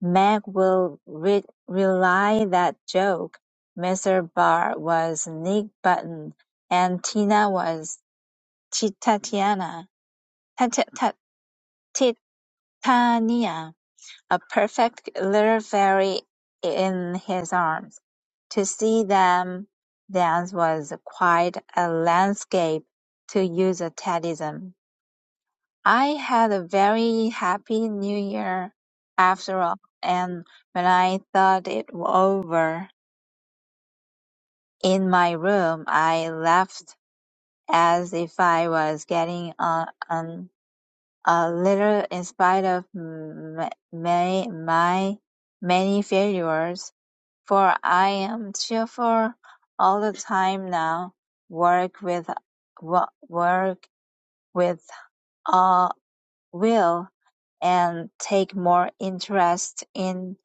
Meg will re- rely that joke. Mr. Barr was Nick Button and Tina was Titania, Titania, a perfect little fairy in his arms. To see them dance was quite a landscape, to use a Teddyism. I had a very happy New Year after all, and when I thought it over in my room, I laughed as if I was getting on, on a little in spite of m- my, my many failures, for I am cheerful all the time now. Work with wo- work with a will and take more interest in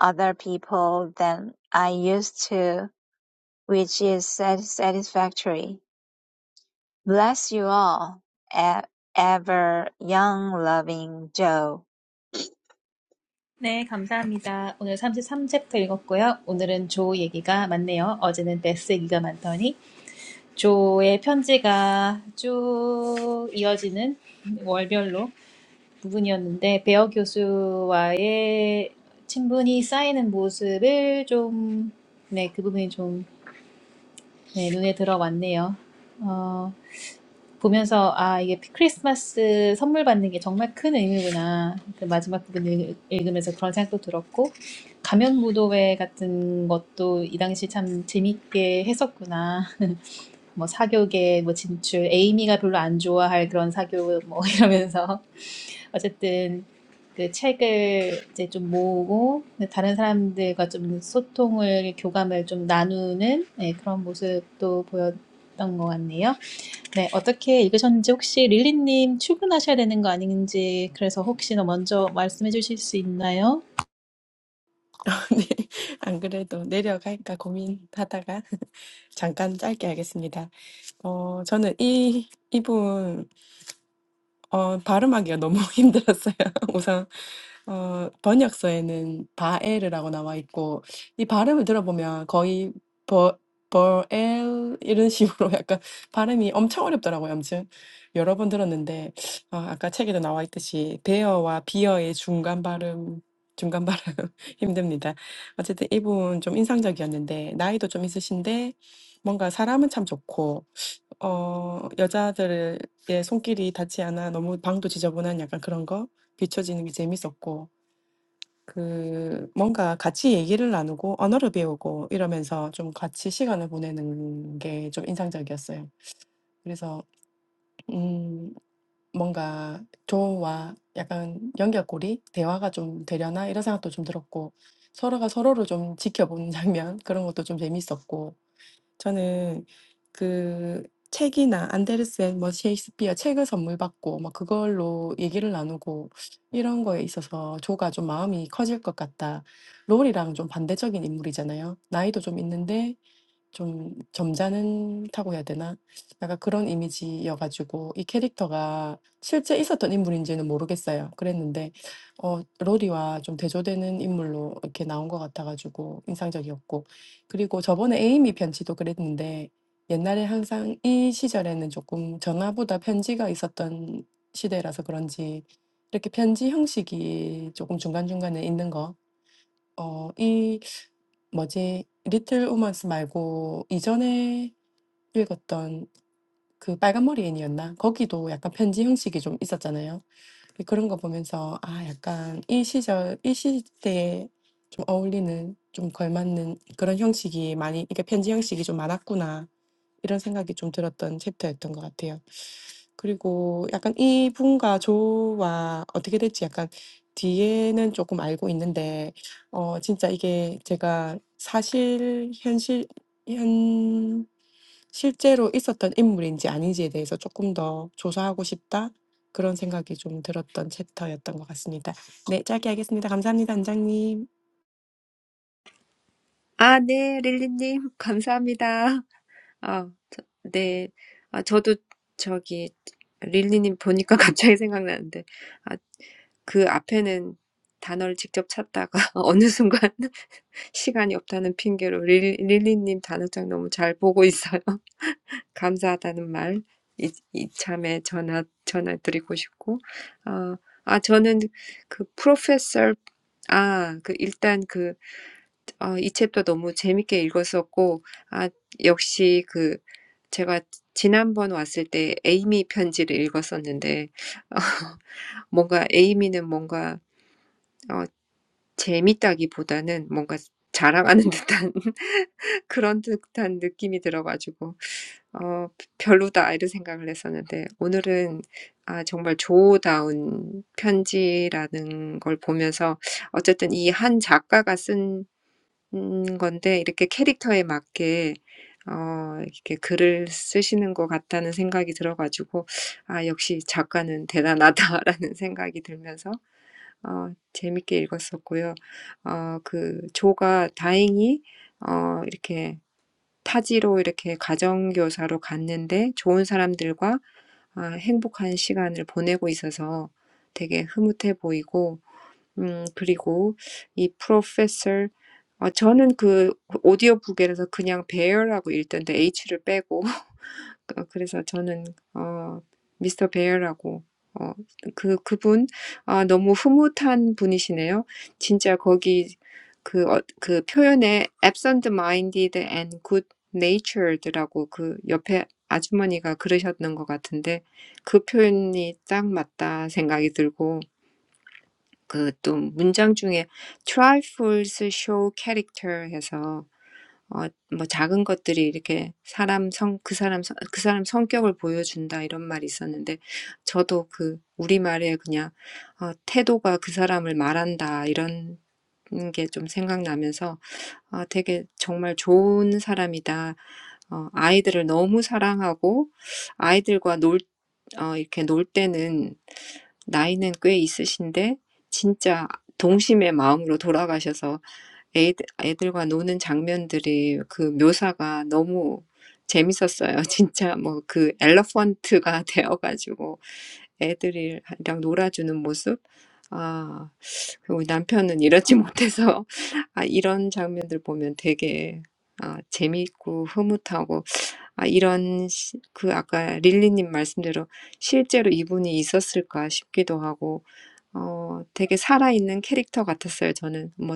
other people than I used to, which is satisfactory. Bless you all. E- ever young loving Joe. 네, 감사합니다. 오늘 33챕터 읽었고요. 오늘은 조 얘기가 많네요. 어제는 베스 얘기가 많더니 조의 편지가 쭉 이어지는 월별로 부분이었는데 베어 교수와의 친분이 쌓이는 모습을 좀, 네, 그 부분이 좀 네, 눈에 들어왔네요. 어, 보면서 아 이게 크리스마스 선물 받는 게 정말 큰 의미구나. 그 마지막 부분 읽- 읽으면서 그런 생각도 들었고 가면 무도회 같은 것도 이 당시 참 재밌게 했었구나. [laughs] 뭐 사교계 뭐 진출 에이미가 별로 안 좋아할 그런 사교 뭐 [laughs] 이러면서 어쨌든 그 책을 이제 좀 모으고 그 다른 사람들과 좀 소통을 교감을 좀 나누는 예, 그런 모습도 보였던 것 같네요. 네, 어떻게 읽으셨는지 혹시 릴리님 출근하셔야 되는 거 아닌지 그래서 혹시 먼저 말씀해 주실 수 있나요? [laughs] 네, 안 그래도 내려갈까 고민하다가 [laughs] 잠깐 짧게 하겠습니다. 어, 저는 이 이분 어, 발음하기가 너무 [laughs] 힘들었어요. [laughs] 우선 어, 번역서에는 바엘이라고 나와 있고 이 발음을 들어보면 거의 버 버엘 이런 식으로 [laughs] 약간 발음이 엄청 어렵더라고요. 아무튼 여러 번 들었는데 어, 아까 책에도 나와 있듯이 베어와 비어의 중간 발음 중간 발음 [laughs] 힘듭니다. 어쨌든 이분 좀 인상적이었는데 나이도 좀 있으신데 뭔가 사람은 참 좋고 어 여자들의 손길이 닿지 않아 너무 방도 지저분한 약간 그런 거 비춰지는 게 재밌었고 그 뭔가 같이 얘기를 나누고 언어를 배우고 이러면서 좀 같이 시간을 보내는 게 좀 인상적이었어요. 그래서 음 뭔가 조와 약간 연결고리 대화가 좀 되려나 이런 생각도 좀 들었고 서로가 서로를 좀 지켜보는 [laughs] 장면 그런 것도 좀 재밌었고 저는 그 책이나 안데르센 뭐 셰익스피어 책을 선물 받고 막 그걸로 얘기를 나누고 이런 거에 있어서 조가 좀 마음이 커질 것 같다. 롤이랑 좀 반대적인 인물이잖아요. 나이도 좀 있는데 좀 점잖다고 해야 되나? 약간 그런 이미지여 가지고 이 캐릭터가 실제 있었던 인물인지는 모르겠어요. 그랬는데 어 로리와 좀 대조되는 인물로 이렇게 나온 것 같아 가지고 인상적이었고 그리고 저번에 에이미 편지도 그랬는데 옛날에 항상 이 시절에는 조금 전화보다 편지가 있었던 시대라서 그런지 이렇게 편지 형식이 쪼끔 중간중간에 있는 거어이 뭐지? 리틀 우먼스 말고 이전에 읽었던 그 빨간 머리 애니였나? 거기도 약간 편지 형식이 좀 있었잖아요. 그런 거 보면서 아 약간 이 시절, 이 시대에 좀 어울리는 좀 걸맞는 그런 형식이 많이 이게 편지 형식이 좀 많았구나 이런 생각이 좀 들었던 챕터였던 것 같아요. 그리고 약간 이분과 저와 어떻게 될지 약간 뒤에는 조금 알고 있는데 어 진짜 이게 제가 사실 현실 현 실제로 있었던 인물인지 아닌지에 대해서 조금 더 조사하고 싶다 그런 생각이 좀 들었던 챕터였던 것 같습니다. 네. 짧게 하겠습니다. 감사합니다 원장님. 아, 네, 릴리님. [laughs] 감사합니다. 아, 저, 네. 아, 저도 저기, 릴리님 보니까 [laughs] 갑자기 생각나는데, 아, 그 앞에는 단어를 직접 찾다가 [laughs] 어느 순간 [laughs] 시간이 없다는 핑계로 릴, 릴리님 단어장 너무 잘 보고 있어요. [laughs] 감사하다는 말, 이, 이참에 전화, 전화 드리고 싶고, 어, 아, 저는 그 프로페서, 아, 그 일단 그 아, 이 책도 너무 재밌게 읽었었고, 아, 역시 그, 제가 지난번 왔을 때 에이미 편지를 읽었었는데, [laughs] 어, 뭔가 에이미는 뭔가, 어, 재밌다기보다는 뭔가 자랑하는 [laughs] 듯한 그런 듯한 느낌이 들어가지고, 어, 별로다, 이런 생각을 했었는데, 오늘은, 아, 정말 조다운 편지라는 걸 보면서, 어쨌든 이한 작가가 쓴 음 건데 이렇게 캐릭터에 맞게 어 이렇게 글을 쓰시는 것 같다는 생각이 들어가지고 '아 역시 작가는 대단하다.'라는 [laughs] 생각이 들면서 어 재밌게 읽었었고요. 어 그 조가 다행히 어 이렇게 타지로 이렇게 가정교사로 갔는데 좋은 사람들과 아 행복한 시간을 보내고 있어서 되게 흐뭇해 보이고 음, 그리고 이 프로페서 어, 저는 그 오디오북에서 그냥 베어라고 읽던데 H를 빼고 [laughs] 어, 그래서 저는 어, 미스터 베어라고 어, 그 그분 아, 너무 흐뭇한 분이시네요. 진짜 거기 그, 어, 그 표현에 absent-minded and good-natured라고 그 옆에 아주머니가 그러셨는 것 같은데 그 표현이 딱 맞다 생각이 들고 그또 문장 중에 trifles show character 해서 어, 뭐 작은 것들이 이렇게 사람 성, 그 사람, 성- 그 사람 성격을 보여준다 이런 말이 있었는데 저도 그 우리말에 그냥 어, 태도가 그 사람을 말한다 이런 게좀 생각나면서 아, 되게 정말 좋은 사람이다. 어, 아이들을 너무 사랑하고 아이들과 놀 어, 이렇게 놀 때는 나이는 꽤 있으신데 진짜 동심의 마음으로 돌아가셔서 애들, 애들과 노는 장면들이 그 묘사가 너무 재밌었어요. [laughs] 진짜 뭐그 엘러펀트가 [laughs] 되어가지고 애들이랑 놀아주는 모습. 아, 그리고 남편은 이러지 못해서 [laughs] 아, 이런 장면들 보면 되게 아, 재밌고 흐뭇하고 아 이런 시, 그 아까 릴리님 말씀대로 실제로 이분이 있었을까 싶기도 하고 어 되게 살아있는 캐릭터 같았어요. 저는 뭐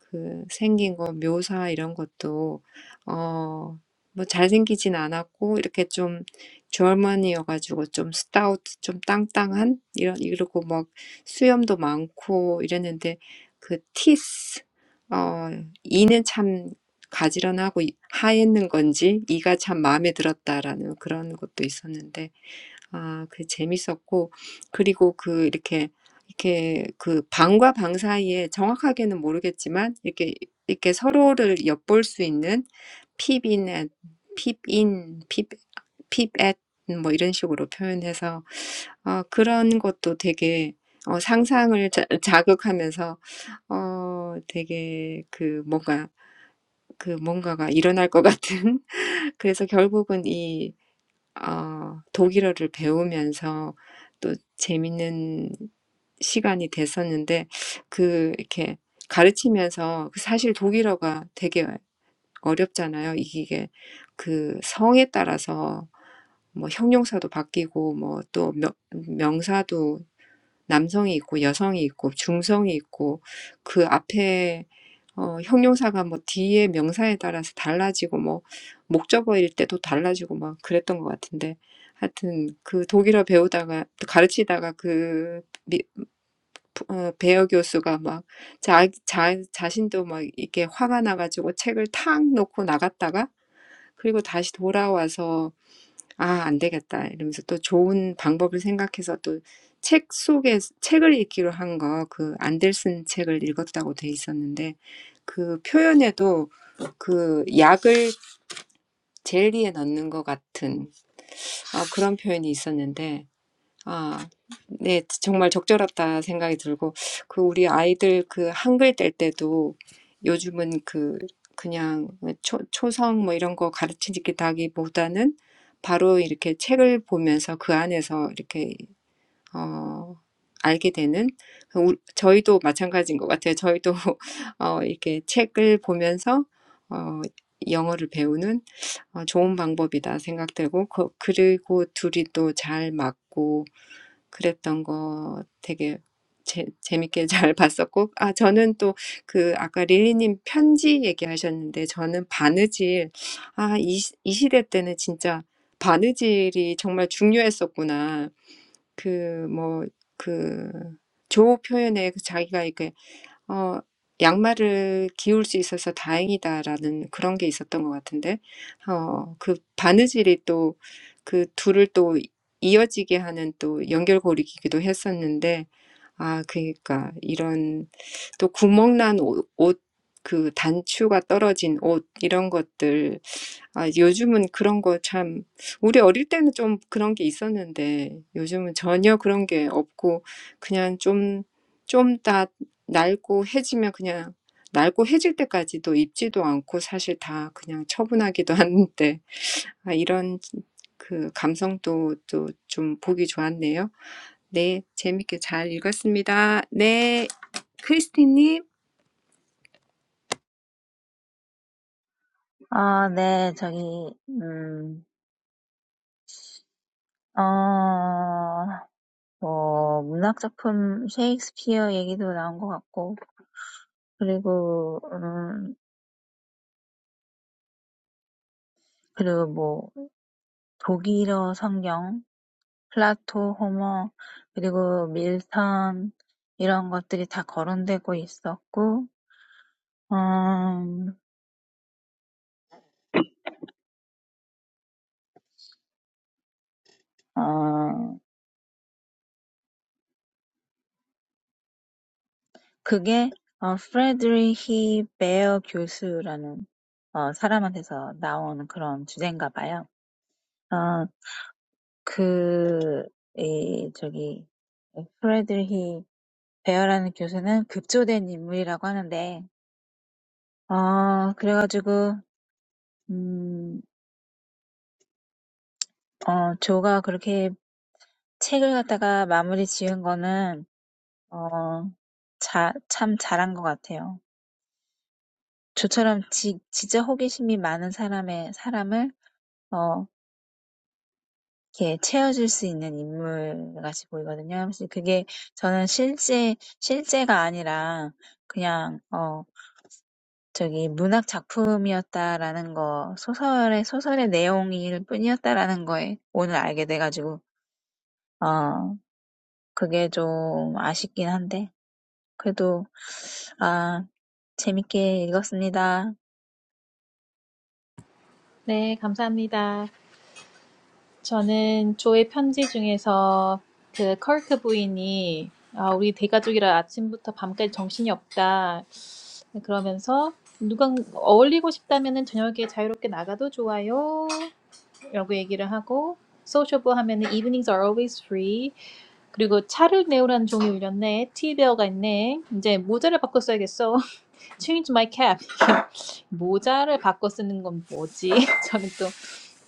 그 생긴 거 묘사 이런 것도 어 어뭐 잘생기진 않았고 이렇게 좀 젊은이여가지고 좀 스타우트 좀 땅땅한 이런 이러고 막 수염도 많고 이랬는데 그 티스 어 이는 참 가지런하고 하얘는 건지 이가 참 마음에 들었다라는 그런 것도 있었는데 아, 그 재밌었고, 그리고 그 이렇게, 이렇게 그 방과 방 사이에 정확하게는 모르겠지만, 이렇게, 이렇게 서로를 엿볼 수 있는 핍인, 핍인, 핍, 핍엣, 뭐 이런 식으로 표현해서, 어, 그런 것도 되게, 어, 상상을 자, 자극하면서, 어, 되게 그 뭔가, 그 뭔가가 일어날 것 같은. [laughs] 그래서 결국은 어, 독일어를 배우면서 또 재밌는 시간이 됐었는데 그 이렇게 가르치면서 그 사실 독일어가 되게 어렵잖아요. 이게 그 성에 따라서 뭐 형용사도 바뀌고 뭐또 명사도 남성이 있고 여성이 있고 중성이 있고 그 앞에 어 형용사가 뭐 뒤에 명사에 따라서 달라지고 뭐 목적어일 때도 달라지고 막 그랬던 것 같은데 하여튼 그 독일어 배우다가 또 가르치다가 그 미, 어, 배어 교수가 막 자, 자, 자신도 막 이렇게 화가 나가지고 책을 탁 놓고 나갔다가 그리고 다시 돌아와서 '아 안 되겠다.' 이러면서 또 좋은 방법을 생각해서 또 책 속에 책을 읽기로 한 거 그 안델슨 책을 읽었다고 돼 있었는데 그 표현에도 그 약을 젤리에 넣는 것 같은 아 그런 표현이 있었는데 아, 네, 정말 적절하다 생각이 들고, 그 우리 아이들 그 한글 뗄 때도 요즘은 그 그냥 초, 초성 뭐 이런 거 가르치기보다는 바로 이렇게 책을 보면서 그 안에서 이렇게, 어, 알게 되는, 그 우, 저희도 마찬가지인 것 같아요. 저희도, [laughs] 어, 이렇게 책을 보면서, 어, 영어를 배우는 어, 좋은 방법이다 생각되고, 그, 그리고 둘이 또잘 맞고, 그랬던 거 되게 재, 재밌게 [laughs] 잘 봤었고, 아, 저는 또 그 아까 릴리님 편지 얘기하셨는데, 저는 바느질, 아, 이, 시- 이 시대 때는 진짜 바느질이 정말 중요했었구나. 그, 뭐, 그, 조 표현에 그 자기가 어 양말을 기울 수 있어서 다행이다라는 그런 게 있었던 것 같은데 어 그 바느질이 또그 둘을 또 이어지게 하는 또 연결고리이기도 했었는데 아 그러니까 이런 또 구멍난 옷, 옷, 그 단추가 떨어진 옷 이런 것들 아 요즘은 그런 거 참 우리 어릴 때는 좀 그런 게 있었는데 요즘은 전혀 그런 게 없고 그냥 좀 좀다 낡고 해지면 그냥 낡고 해질 때까지도 입지도 않고 사실 다 그냥 처분하기도 [laughs] 하는데 아, 이런 그 감성도 또좀 보기 좋았네요. 네, 재밌게 잘 읽었습니다. 네, 크리스티님. 아, 네, 저기, 음, 어, 뭐, 문학작품 셰익스피어 얘기도 나온 것 같고, 그리고, 음, 그리고 뭐, 독일어 성경, 플라토, 호머 그리고 밀턴 이런 것들이 다 거론되고 있었고 음, 어, 그게 어, 프레드리히 베어 교수라는 어, 사람한테서 나온 그런 주제인가 봐요. 어, 그, 이, 저기, 프레드리히 베어라는 교수는 급조된 인물이라고 하는데, 어, 그래가지고, 음, 어, 조가 그렇게 책을 갖다가 마무리 지은 거는 어, 자, 참 잘한 것 같아요. 저처럼 지, 진짜 호기심이 많은 사람의 사람을 어, 이렇게 채워줄 수 있는 인물같이 보이거든요. 사실 그게 저는 실제 실제가 아니라 그냥 어, 저기 문학 작품이었다라는 거 소설의 소설의 내용일 뿐이었다라는 거에 오늘 알게 돼가지고 어, 그게 좀 아쉽긴 한데 그래도 아 재밌게 읽었습니다. 네, 감사합니다. 저는 조의 편지 중에서 그컬크 부인이 아, 우리 대가족이라 아침부터 밤까지 정신이 없다. 그러면서 누가 어울리고 싶다면은 저녁에 자유롭게 나가도 좋아요. 라고 얘기를 하고 소셜부 하면은 evenings are always free. 그리고 차를 내오라는 종이 울렸네. 티베어가 있네. 이제 모자를 바꿔 써야겠어. [laughs] Change my cap. [laughs] 모자를 바꿔 쓰는 건 뭐지? [laughs] 저는 또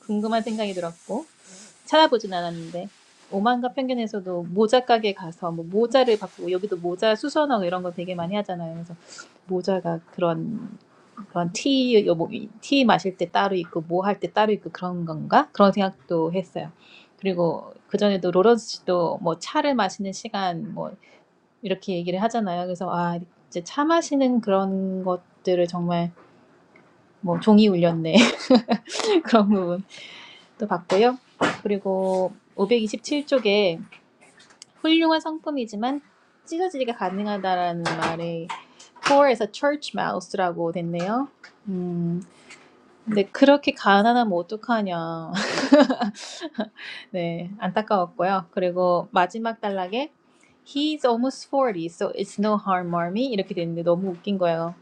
궁금한 생각이 들었고. 찾아보진 않았는데 오만과 편견에서도 모자 가게 가서 뭐 모자를 바꾸고 여기도 모자 수선하고 이런 거 되게 많이 하잖아요. 그래서 모자가 그런 그런 티, 뭐티 마실 때 따로 있고 뭐 할 때 따로 있고 그런 건가? 그런 생각도 했어요. 그리고 그 전에도 로런스 씨도 뭐 차를 마시는 시간 뭐 이렇게 얘기를 하잖아요. 그래서 아 이제 차 마시는 그런 것들을 정말 뭐 종이 울렸네 [laughs] 그런 부분도 봤고요. 그리고 527쪽에 훌륭한 성품이지만 찢어지기가 가능하다라는 말에 poor에서 church mouse라고 됐네요. 음, 근데 그렇게 가난하면 어떡하냐. [laughs] 네, 안타까웠고요. 그리고 마지막 단락에 He's almost 40, so it's no harm, mommy. 이렇게 됐는데 너무 웃긴 거예요.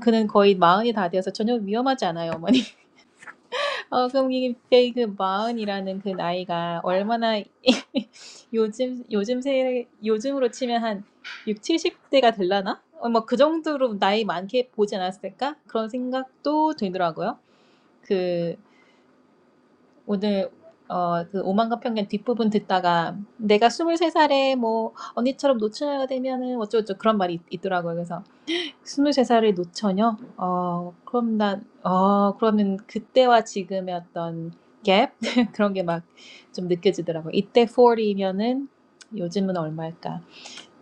그는 거의 마흔이 다 되어서 전혀 위험하지 않아요, 어머니. 어, 그럼 이게 그 마흔이라는 그 나이가 얼마나 [laughs] 요즘 요즘 세 요즘으로 치면 한 6, 70대가 될라나? 어, 뭐그 정도로 나이 많게 보지 않았을까? 그런 생각도 들더라고요. 그 오늘 어, 그 오만과 편견 뒷부분 듣다가 내가 23살에 뭐 언니처럼 노처녀가 되면은 어쩌고저쩌고 그런 말이 있, 있더라고요. 그래서 스물세 살의 노처녀? 어, 그럼 난, 어, 그러면 그때와 지금의 어떤 갭? [laughs] 그런 게 막 좀 느껴지더라고요. 이때 40이면은 요즘은 얼마일까?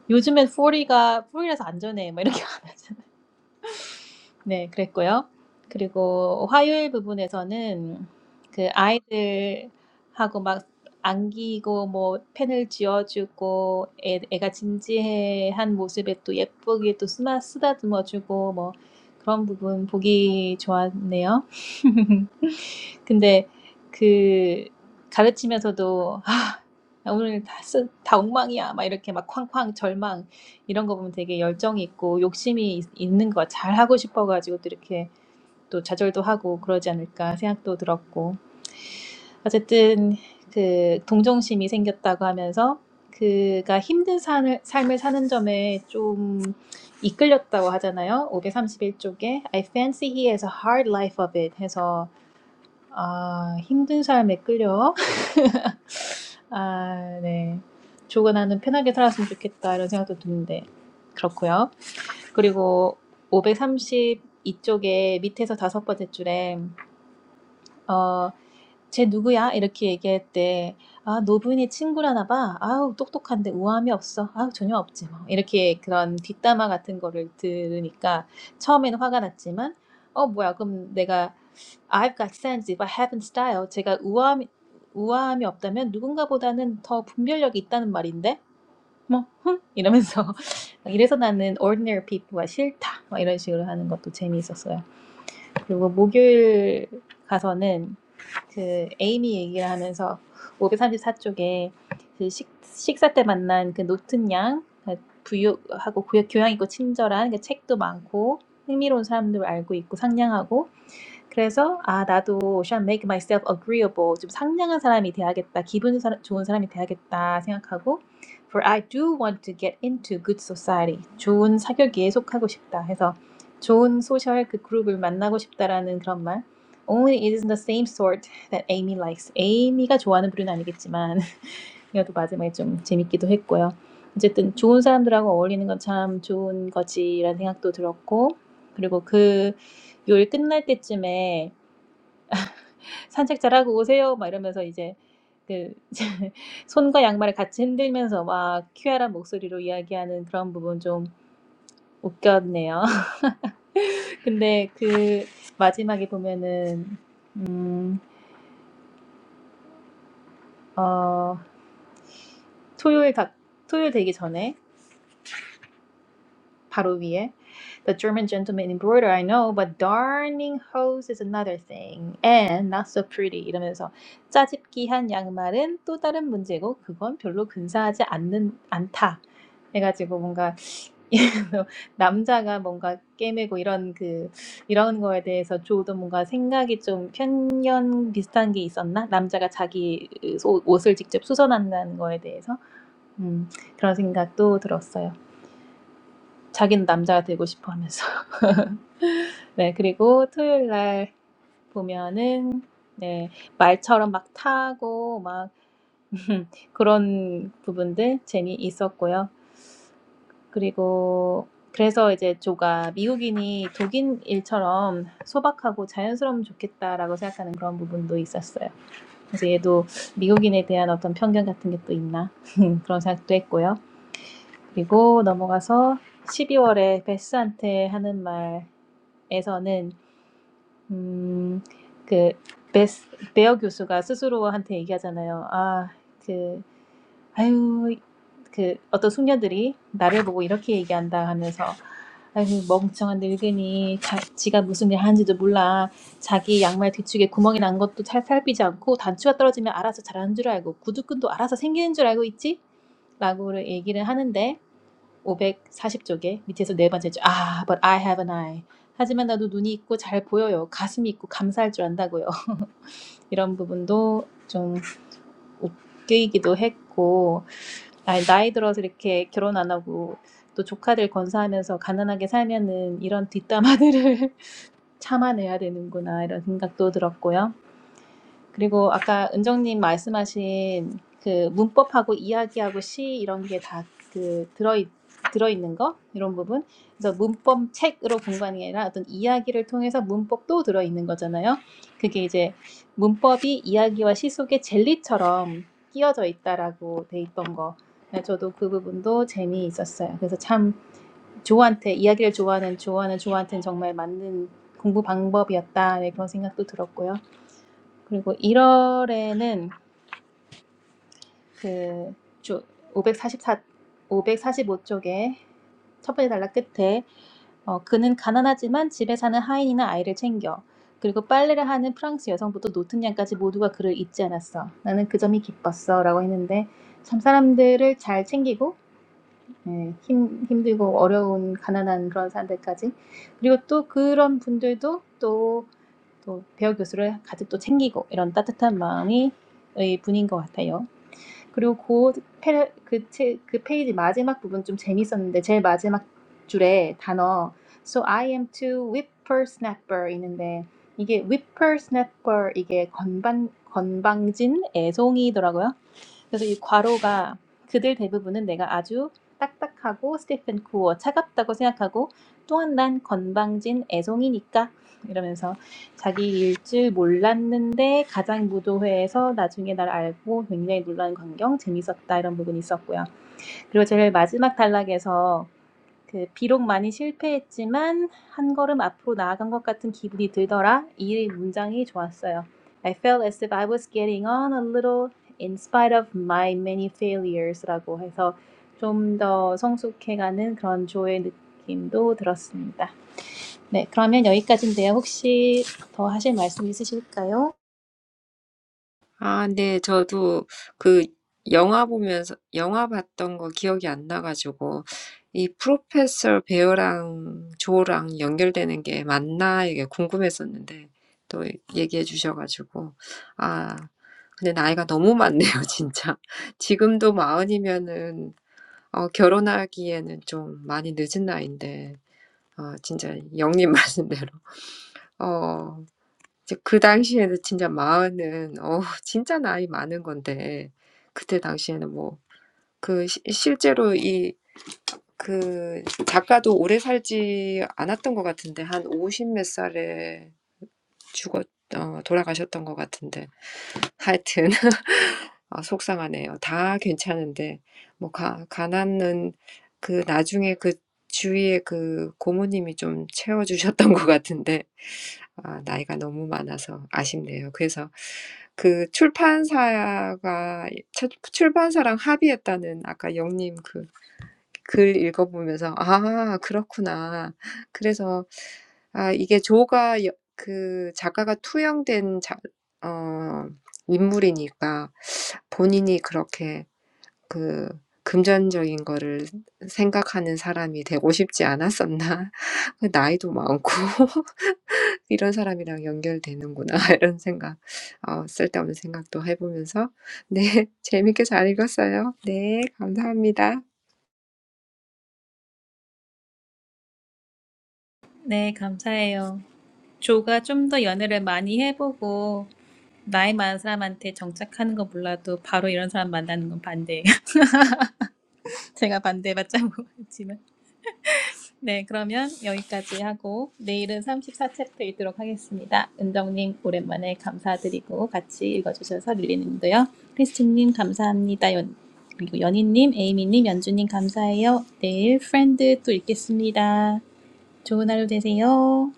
요즘엔 40가, 40이라서 안전해. 막 이렇게 [laughs] 하잖아 네, 그랬고요. 그리고 화요일 부분에서는 그 아이들하고 막 안기고 뭐 펜을 쥐어주고 애, 애가 진지한 모습에 또 예쁘게 또 쓰마, 쓰다듬어주고 뭐 그런 부분 보기 좋았네요. [laughs] 근데 그 가르치면서도 '아 나 오늘 다 쓰 다 엉망이야.' 막 이렇게 막 쾅쾅 절망 이런 거 보면 되게 열정이 있고 욕심이 있 있는 거 잘하고 싶어 가지고 또 이렇게 또 좌절도 하고 그러지 않을까 생각도 들었고. 어쨌든 그 동정심이 생겼다고 하면서 그가 힘든 을 삶을 사는 점에 좀 이끌렸다고 하잖아요. 531 쪽에 I fancy he has a hard life of it 해서 아 힘든 삶에 끌려 [laughs] 아 네. 조금 나는 편하게 살았으면 좋겠다 이런 생각도 드는데 그렇고요. 그리고 532쪽에 밑에서 다섯 번째 줄에 어, 쟤 누구야? 이렇게 얘기할 때 아, 노부인의 친구라나 봐. 아우, 똑똑한데 우아함이 없어. 아우, 전혀 없지 뭐. 이렇게 그런 뒷담화 같은 거를 들으니까 처음에는 화가 났지만 어, 뭐야. 그럼 내가 I've got sense if I haven't style. 제가 우아함, 우아함이 없다면 누군가보다는 더 분별력이 있다는 말인데? 뭐, 흠 이러면서. [laughs] 이래서 나는 ordinary people가 싫다. 막 이런 식으로 하는 것도 재미있었어요. 그리고 목요일 가서는 그 에이미 얘기를 하면서 534쪽에 그 식, 식사 때 만난 그 노튼 양, 그 부유하고 고- 교양 있고 친절한 그 책도 많고 흥미로운 사람들 알고 있고 상냥하고 그래서 아 나도 should make myself agreeable 좀 상냥한 사람이 돼야겠다 기분 사- 좋은 사람이 돼야겠다 생각하고 for I do want to get into good society 좋은 사격에 속하고 싶다 해서 좋은 소셜 그 그룹을 만나고 싶다라는 그런 말 Only it is the same sort that Amy likes Amy가 좋아하는 부류는 아니겠지만 [laughs] 그래도 마지막에 좀 재밌기도 했고요 어쨌든 좋은 사람들하고 어울리는 건 참 좋은 거지라는 생각도 들었고 그리고 그 요일 끝날 때쯤에 산책 잘하고 오세요. 막 이러면서 이제 그 [laughs] 손과 양말을 같이 흔들면서 막 큐알한 목소리로 이야기하는 그런 부분 좀 웃겼네요. [laughs] 근데 그 마지막에 보면은 음, 어, 토요일 각 토요일 되기 전에 바로 위에 The German gentleman embroider I know but darning hose is another thing and not so pretty 이러면서 짜집기한 양말은 또 다른 문제고 그건 별로 근사하지 않는 않다 해가지고 뭔가 [laughs] 남자가 뭔가 꿰매고 이런 그 이런 거에 대해서 조도 뭔가 생각이 좀 편견 비슷한 게 있었나 남자가 자기 옷- 옷을 직접 수선한다는 거에 대해서 음, 그런 생각도 들었어요 자기는 남자가 되고 싶어 하면서 네, 그리고 토요일 날 보면은 네, 말처럼 막 타고 막 [laughs] 그런 부분들 재미 있었고요. 그리고 그래서 이제 조가 미국인이 독일인처럼 소박하고 자연스러우면 좋겠다라고 생각하는 그런 부분도 있었어요. 그래서 얘도 미국인에 대한 어떤 편견 같은 게 또 있나 [laughs] 그런 생각도 했고요. 그리고 넘어가서 12월에 베스한테 하는 말에서는 음, 그 베스, 베어 교수가 스스로한테 얘기하잖아요. 아, 그 아유 그 어떤 숙녀들이 나를 보고 이렇게 얘기한다 하면서 아유 멍청한 늙은이 자, 지가 무슨 일 하는지도 몰라 자기 양말 뒤쪽에 구멍이 난 것도 잘 살피지 않고 단추가 떨어지면 알아서 잘하는 줄 알고 구두끈도 알아서 생기는 줄 알고 있지? 라고 얘기를 하는데 540쪽에 밑에서 네 번째 줄. 아, but I have an eye. 하지만 나도 눈이 있고 잘 보여요. 가슴이 있고 감사할 줄 안다고요. [laughs] 이런 부분도 좀 웃기기도 했고 아니, 나이 들어서 이렇게 결혼 안 하고 또 조카들 건사하면서 가난하게 살면은 이런 뒷담화들을 [laughs] 참아내야 되는구나 이런 생각도 들었고요. 그리고 아까 은정님 말씀하신 그 문법하고 이야기하고 시 이런 게 다 그 들어 들어있는 거 이런 부분 그래서 문법 책으로 공부하는 게 아니라 어떤 이야기를 통해서 문법도 들어있는 거잖아요. 그게 이제 문법이 이야기와 시 속에 젤리처럼 끼어져 있다라고 돼 있던 거. 네, 저도 그 부분도 재미있었어요. 그래서 참 조한테 이야기를 좋아하는 조한은 조한테는 정말 맞는 공부 방법이었다 네, 그런 생각도 들었고요. 그리고 1월에는 그주 544, 545쪽에 첫 번째 단락 끝에 어, 그는 가난하지만 집에 사는 하인이나 아이를 챙겨. 그리고 빨래를 하는 프랑스 여성부터 노트냥까지 모두가 그를 잊지 않았어. 나는 그 점이 기뻤어. 라고 했는데 참 사람들을 잘 챙기고 예, 힘, 힘들고 어려운 가난한 그런 사람들까지 그리고 또 그런 분들도 또, 또 배우 교수를 가득 또 챙기고 이런 따뜻한 마음이 의 분인 것 같아요. 그리고 그, 페, 그, 체, 그 페이지 마지막 부분 좀 재밌었는데 제일 마지막 줄에 단어 So I am to whippersnapper 있는데 이게 whippersnapper 이게 건반 건방진 애송이더라고요. 그래서 이 괄호가 그들 대부분은 내가 아주 딱딱하고 스테픈 쿠어 차갑다고 생각하고 또한 난 건방진 애송이니까 이러면서 자기 일줄 몰랐는데 가장 무도회에서 나중에 날 알고 굉장히 놀란 광경 재밌었다 이런 부분이 있었고요. 그리고 제일 마지막 단락에서 그 비록 많이 실패했지만 한 걸음 앞으로 나아간 것 같은 기분이 들더라 이 문장이 좋았어요. I felt as if I was getting on a little in spite of my many failures라고 해서 좀 더 성숙해가는 그런 조의 느낌도 들었습니다. 네, 그러면 여기까지인데요. 혹시 더 하실 말씀 있으실까요? 아, 네, 저도 그 영화 보면서, 영화 봤던 거 기억이 안 나가지고, 이 프로페서 베어랑 조랑 연결되는 게 맞나, 이게 궁금했었는데, 또 얘기해 주셔가지고, 아, 근데 나이가 너무 많네요, [laughs] 진짜. 지금도 마흔이면은, 어, 결혼하기에는 좀 많이 늦은 나이인데, 어, 진짜 영님 [laughs] 말씀대로. 어, 이제 그 당시에는 진짜 마흔은 어 [laughs] 진짜 나이 많은 건데 그때 당시에는 뭐그 시, 실제로 이그 작가도 오래 살지 않았던 것 같은데 한 오십 몇 살에 죽었 어 돌아가셨던 것 같은데 하여튼 아, 속상하네요. 다 괜찮은데, 뭐, 가, 가난은 그 나중에 그 주위에 그 고모님이 좀 채워주셨던 [laughs] 것 같은데, 아, 나이가 너무 많아서 아쉽네요. 그래서 그 출판사가, 첫- 출판사랑 합의했다는 아까 영님 그 글 읽어보면서 아 그렇구나. 그래서 아 이게 조가 여, 그 작가가 투영된 자, 어, 인물이니까 본인이 그렇게 그 금전적인 거를 생각하는 사람이 되고 싶지 않았었나? [laughs] 그 나이도 많고 [laughs] 이런 사람이랑 연결되는구나 [laughs] 이런 생각, 어, 쓸데없는 생각도 해보면서 [laughs] 네 재밌게 잘 읽었어요. 네 감사합니다. 네, 감사해요. 조가 좀 더 연애를 많이 해보고 나이 많은 사람한테 정착하는 거 몰라도 바로 이런 사람 만나는 건 반대예요. [laughs] 제가 반대 맞자고 했지만. 네, 그러면 여기까지 하고 내일은 34챕터 읽도록 하겠습니다. 은정님 오랜만에 감사드리고 같이 읽어주셔서 릴리님도요. 크리스틴님 감사합니다. 연, 그리고 연희님, 에이미님, 연주님 감사해요. 내일 프렌드 또 읽겠습니다. 좋은 하루 되세요.